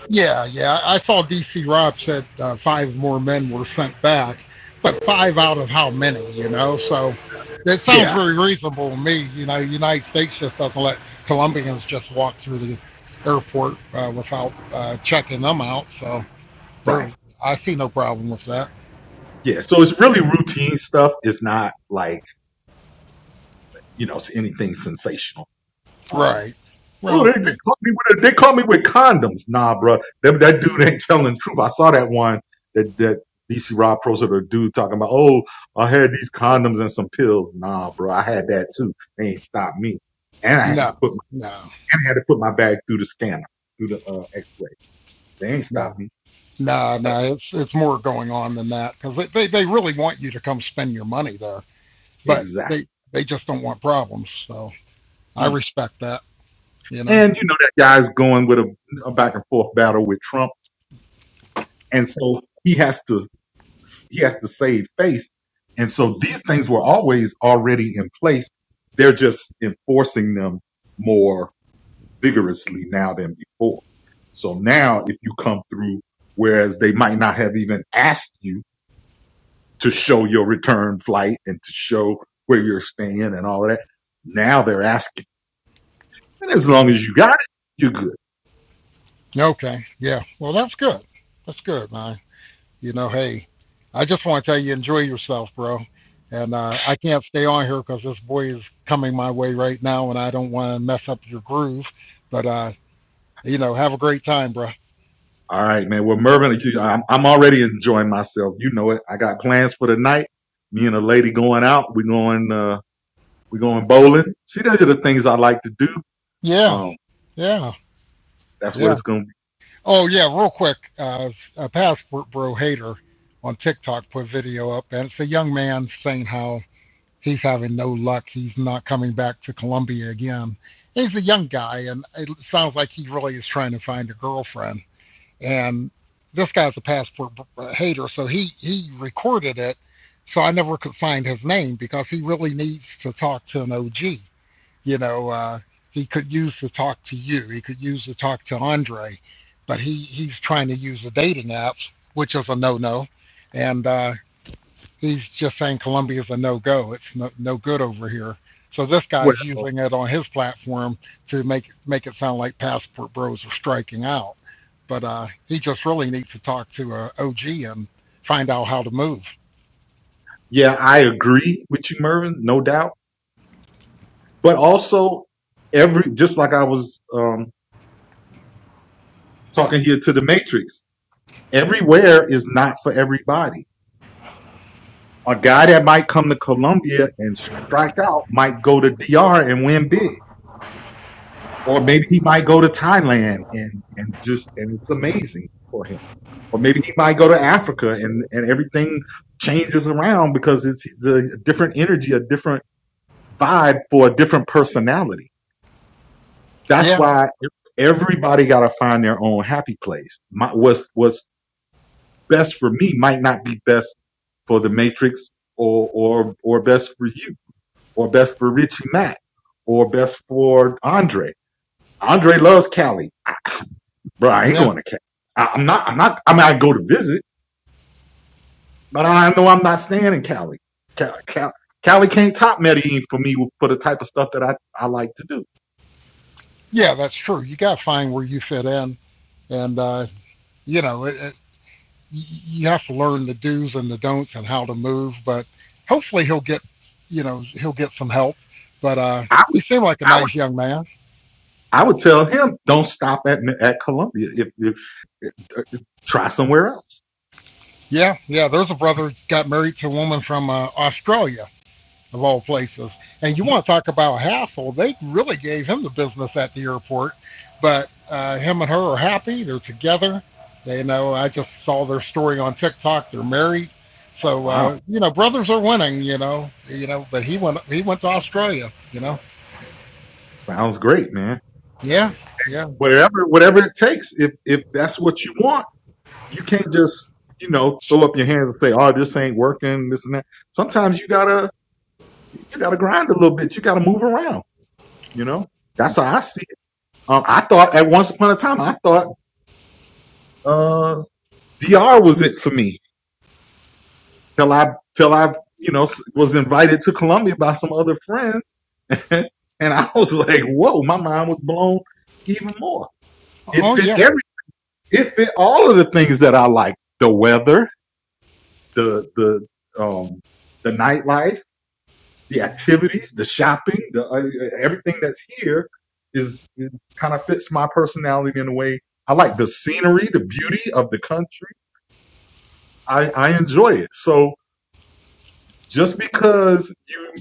Speaker 6: Yeah, yeah. I saw DC Rob said uh, five more men were sent back, but five out of how many, you know? So that sounds
Speaker 1: Yeah,
Speaker 6: very reasonable to me. You know, the United States just doesn't let Colombians just walk through the airport uh, without uh, checking them out. So there,
Speaker 1: right.
Speaker 6: I see no problem with that.
Speaker 1: Yeah. So it's really routine stuff. It's not like you know it's anything sensational. Um.
Speaker 6: Right.
Speaker 1: Oh,
Speaker 6: Well,
Speaker 1: they, they caught me with they caught me with condoms. Nah, bro, that, that dude ain't telling the truth. I saw that one that that DC Rob posted a dude talking about. Oh, I had these condoms and some pills. Nah, bro, I had that too. They ain't stopped me, and I had to
Speaker 6: no,
Speaker 1: put my,
Speaker 6: no,
Speaker 1: and I had to put my bag through the scanner through the uh, X-ray. They ain't
Speaker 6: no.
Speaker 1: stopped me.
Speaker 6: No, no, it's it's more going on than that because they, they, they really want you to come spend your money there, but
Speaker 1: Exactly.
Speaker 6: they they just don't want problems. So I
Speaker 1: Hmm.
Speaker 6: respect that, you know.
Speaker 1: And you know that guy's going with a, a back and forth battle with Trump, and so he has to. he has to save face. And so these things were always already in place. They're just enforcing them more vigorously now than before. So now if you come through, whereas they might not have even asked you to show your return flight and to show where you're staying and all of that, now they're asking. And as long
Speaker 6: Yeah.
Speaker 1: as you got it, you're good.
Speaker 6: Okay, yeah. Well, that's good. That's good, man. You know, hey, I just want to tell you, enjoy yourself, bro. And uh, I can't stay on here because this boy is coming my way right now, and I don't want to mess up your groove. But uh, you know, have a great time, bro.
Speaker 1: All right, man. Well, Mervin, I'm, I'm already enjoying myself. You know it. I got plans for the night me and a lady going out. We're going. uh, We're going bowling. See, those are the things I like to do.
Speaker 6: Yeah,
Speaker 1: Um,
Speaker 6: yeah,
Speaker 1: that's what
Speaker 6: yeah.
Speaker 1: it's going to be.
Speaker 6: Oh yeah, real quick, uh, s- uh, Passport Bro Hater on TikTok put a video up, and it's a young man saying how he's having no luck. He's not coming back to Colombia again. He's a young guy, and it sounds like he really is trying to find a girlfriend. And this guy's a Passport Hater, so he he recorded it. So I never could find his name because he really needs to talk to an OG you know, uh, he could use the talk to you. He could use the talk to Andre, but he he's trying to use the dating apps, which is a no-no. And uh, he's just saying Columbia's a no-go. It's no, no good over here. So this guy's
Speaker 1: Well,
Speaker 6: using it on his platform to make make it sound like Passport Bros are striking out. But uh, he just really needs to talk to a OG and find out how to move.
Speaker 1: yeah, I agree with you, Mervin, no doubt. But also, every just like I was um, talking here to the Matrix, everywhere is not for everybody. A guy that might come to Colombia and strike out might go to DR and win big, or maybe he might go to Thailand and and just and it's amazing. for him. or maybe he might go to Africa and and everything changes around because it's, it's a different energy, a different vibe for a different personality. That's
Speaker 6: Yeah,
Speaker 1: why everybody got to find their own happy place. My, what's what's best for me might not be best for the Matrix or or or best for you or best for Richie Mack or best for Andre. Andre loves Cali, I, bro. I ain't
Speaker 6: yeah,
Speaker 1: going to Cali. I, I'm not. I'm not. I mean, I go to visit But I know I'm not standing Cali. Cali, Cali, Cali can't top Medellin for me for the type of stuff that I, I like to do.
Speaker 6: yeah. That's true. You got to find where you fit in, and uh, you know, it, you have to learn the do's and the don'ts and how to move. But hopefully he'll get you know he'll get some help. But uh,
Speaker 1: I
Speaker 6: he
Speaker 1: would,
Speaker 6: seemed like a
Speaker 1: I would,
Speaker 6: nice young man.
Speaker 1: I would tell him, don't stop at at Columbia. If, if uh, try somewhere else.
Speaker 6: Yeah, yeah. There's a brother got married to a woman from uh, Australia of all places. And you
Speaker 1: Hmm,
Speaker 6: want to talk about hassle? They really gave him the business at the airport. But uh, him and her are happy. They're together. They you know. I just saw their story on TikTok. They're married. So
Speaker 1: Wow,
Speaker 6: uh, you know, brothers are winning. You know, you know. But he went he went to Australia. You know.
Speaker 1: sounds great, man.
Speaker 6: Yeah, yeah.
Speaker 1: Whatever, whatever it takes. If if that's what you want, you can't just you know throw up your hands and say, oh, this ain't working, this and that. Sometimes you gotta you gotta grind a little bit. You gotta move around. You know, that's how I see. Um, I thought at once upon a time, I thought uh, DR was it for me till I till I you know s- was invited to Columbia by some other friends, and I was like, whoa, my mind was blown even more. It
Speaker 6: Oh,
Speaker 1: fit
Speaker 6: yeah.
Speaker 1: every, it fit all of the things that I like: the weather, the the um, the nightlife, the activities, the shopping, the uh, uh, everything that's here is is kind of fits my personality in a way. I like the scenery, the beauty of the country I, I enjoy it. So just because you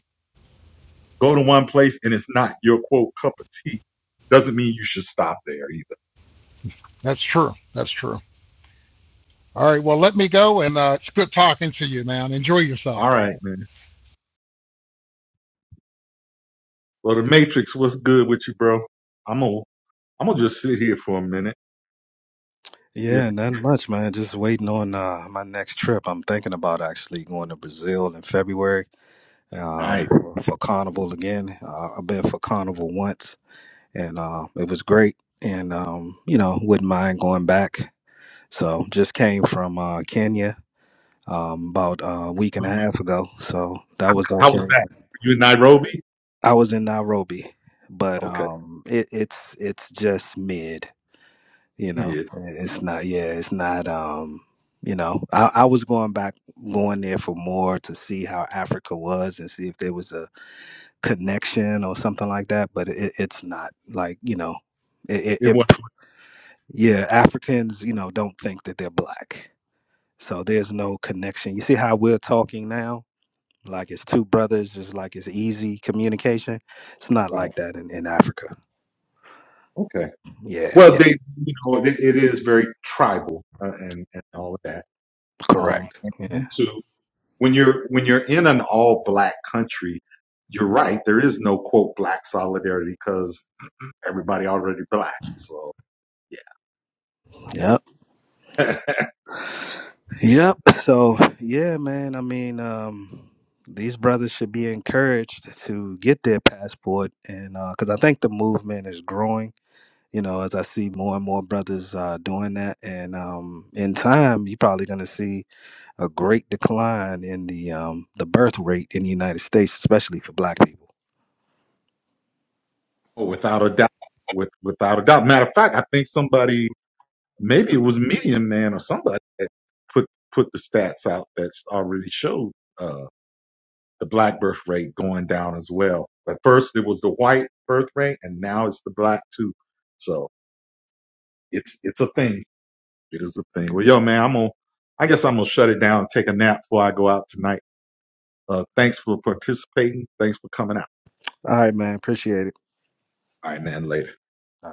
Speaker 1: go to one place and it's not your quote cup of tea doesn't mean you should stop there either.
Speaker 6: That's true. That's true. All right. Well, let me go and uh, it's good talking to you, man. Enjoy yourself.
Speaker 1: All right, man. So the Matrix, what's good with you, bro? I'm gonna I'm gonna just sit here for a minute. Yeah,
Speaker 5: Yeah, not much, man. Just waiting on uh, my next trip. I'm thinking about actually going to Brazil in February um,
Speaker 1: nice.
Speaker 5: for, for Carnival again. Uh, I've been for Carnival once, and uh, it was great. And um, you know, wouldn't mind going back. So just came from uh, Kenya um, about a week and a half ago, so that was
Speaker 1: How was
Speaker 5: okay.
Speaker 1: that? you in Nairobi?
Speaker 5: I was in Nairobi, but
Speaker 1: Okay.
Speaker 5: um, it, it's it's just mid. You know,
Speaker 1: Yeah,
Speaker 5: it's not. Yeah, it's not. Um, you know, I, I was going back, going there for more to see how Africa was and see if there was a connection or something like that. But it, it's not like you know, it, it,
Speaker 1: it
Speaker 5: it
Speaker 1: was
Speaker 5: yeah, Africans, you know, don't think that they're black. So there's no connection. You see how we're talking now? Like it's two brothers, just like it's easy communication. It's not
Speaker 1: right.
Speaker 5: like that in, in Africa.
Speaker 1: Okay.
Speaker 5: Yeah,
Speaker 1: Well,
Speaker 5: yeah,
Speaker 1: they you know it, it is very tribal uh, and and all of that. Um,
Speaker 5: correct. Yeah,
Speaker 1: and too. when you're when you're in an all black country, you're right. There is no quote black solidarity because everybody already black. So
Speaker 5: yep,
Speaker 1: yeah,
Speaker 5: yep. So, yeah, man, I mean, um, these brothers should be encouraged to get their passport. And because I think the movement is growing, you know, as I see more and more brothers uh, doing that. And um, in time, you're probably going to see a great decline in the um, the birth rate in the United States, especially for Black people.
Speaker 1: without a doubt, with without a doubt. Matter of fact, I think somebody, maybe it was Medium Man or somebody that put put the stats out that already showed uh, the black birth rate going down as well. At first, it was the white birth rate, and now it's the black too. So it's it's a thing. It is a thing. Well, yo, man, I'm gonna. I guess I'm gonna shut it down and take a nap before I go out tonight. Uh, thanks for participating. Thanks for coming out.
Speaker 5: All right, man, appreciate
Speaker 1: All right, man. Later.
Speaker 5: it.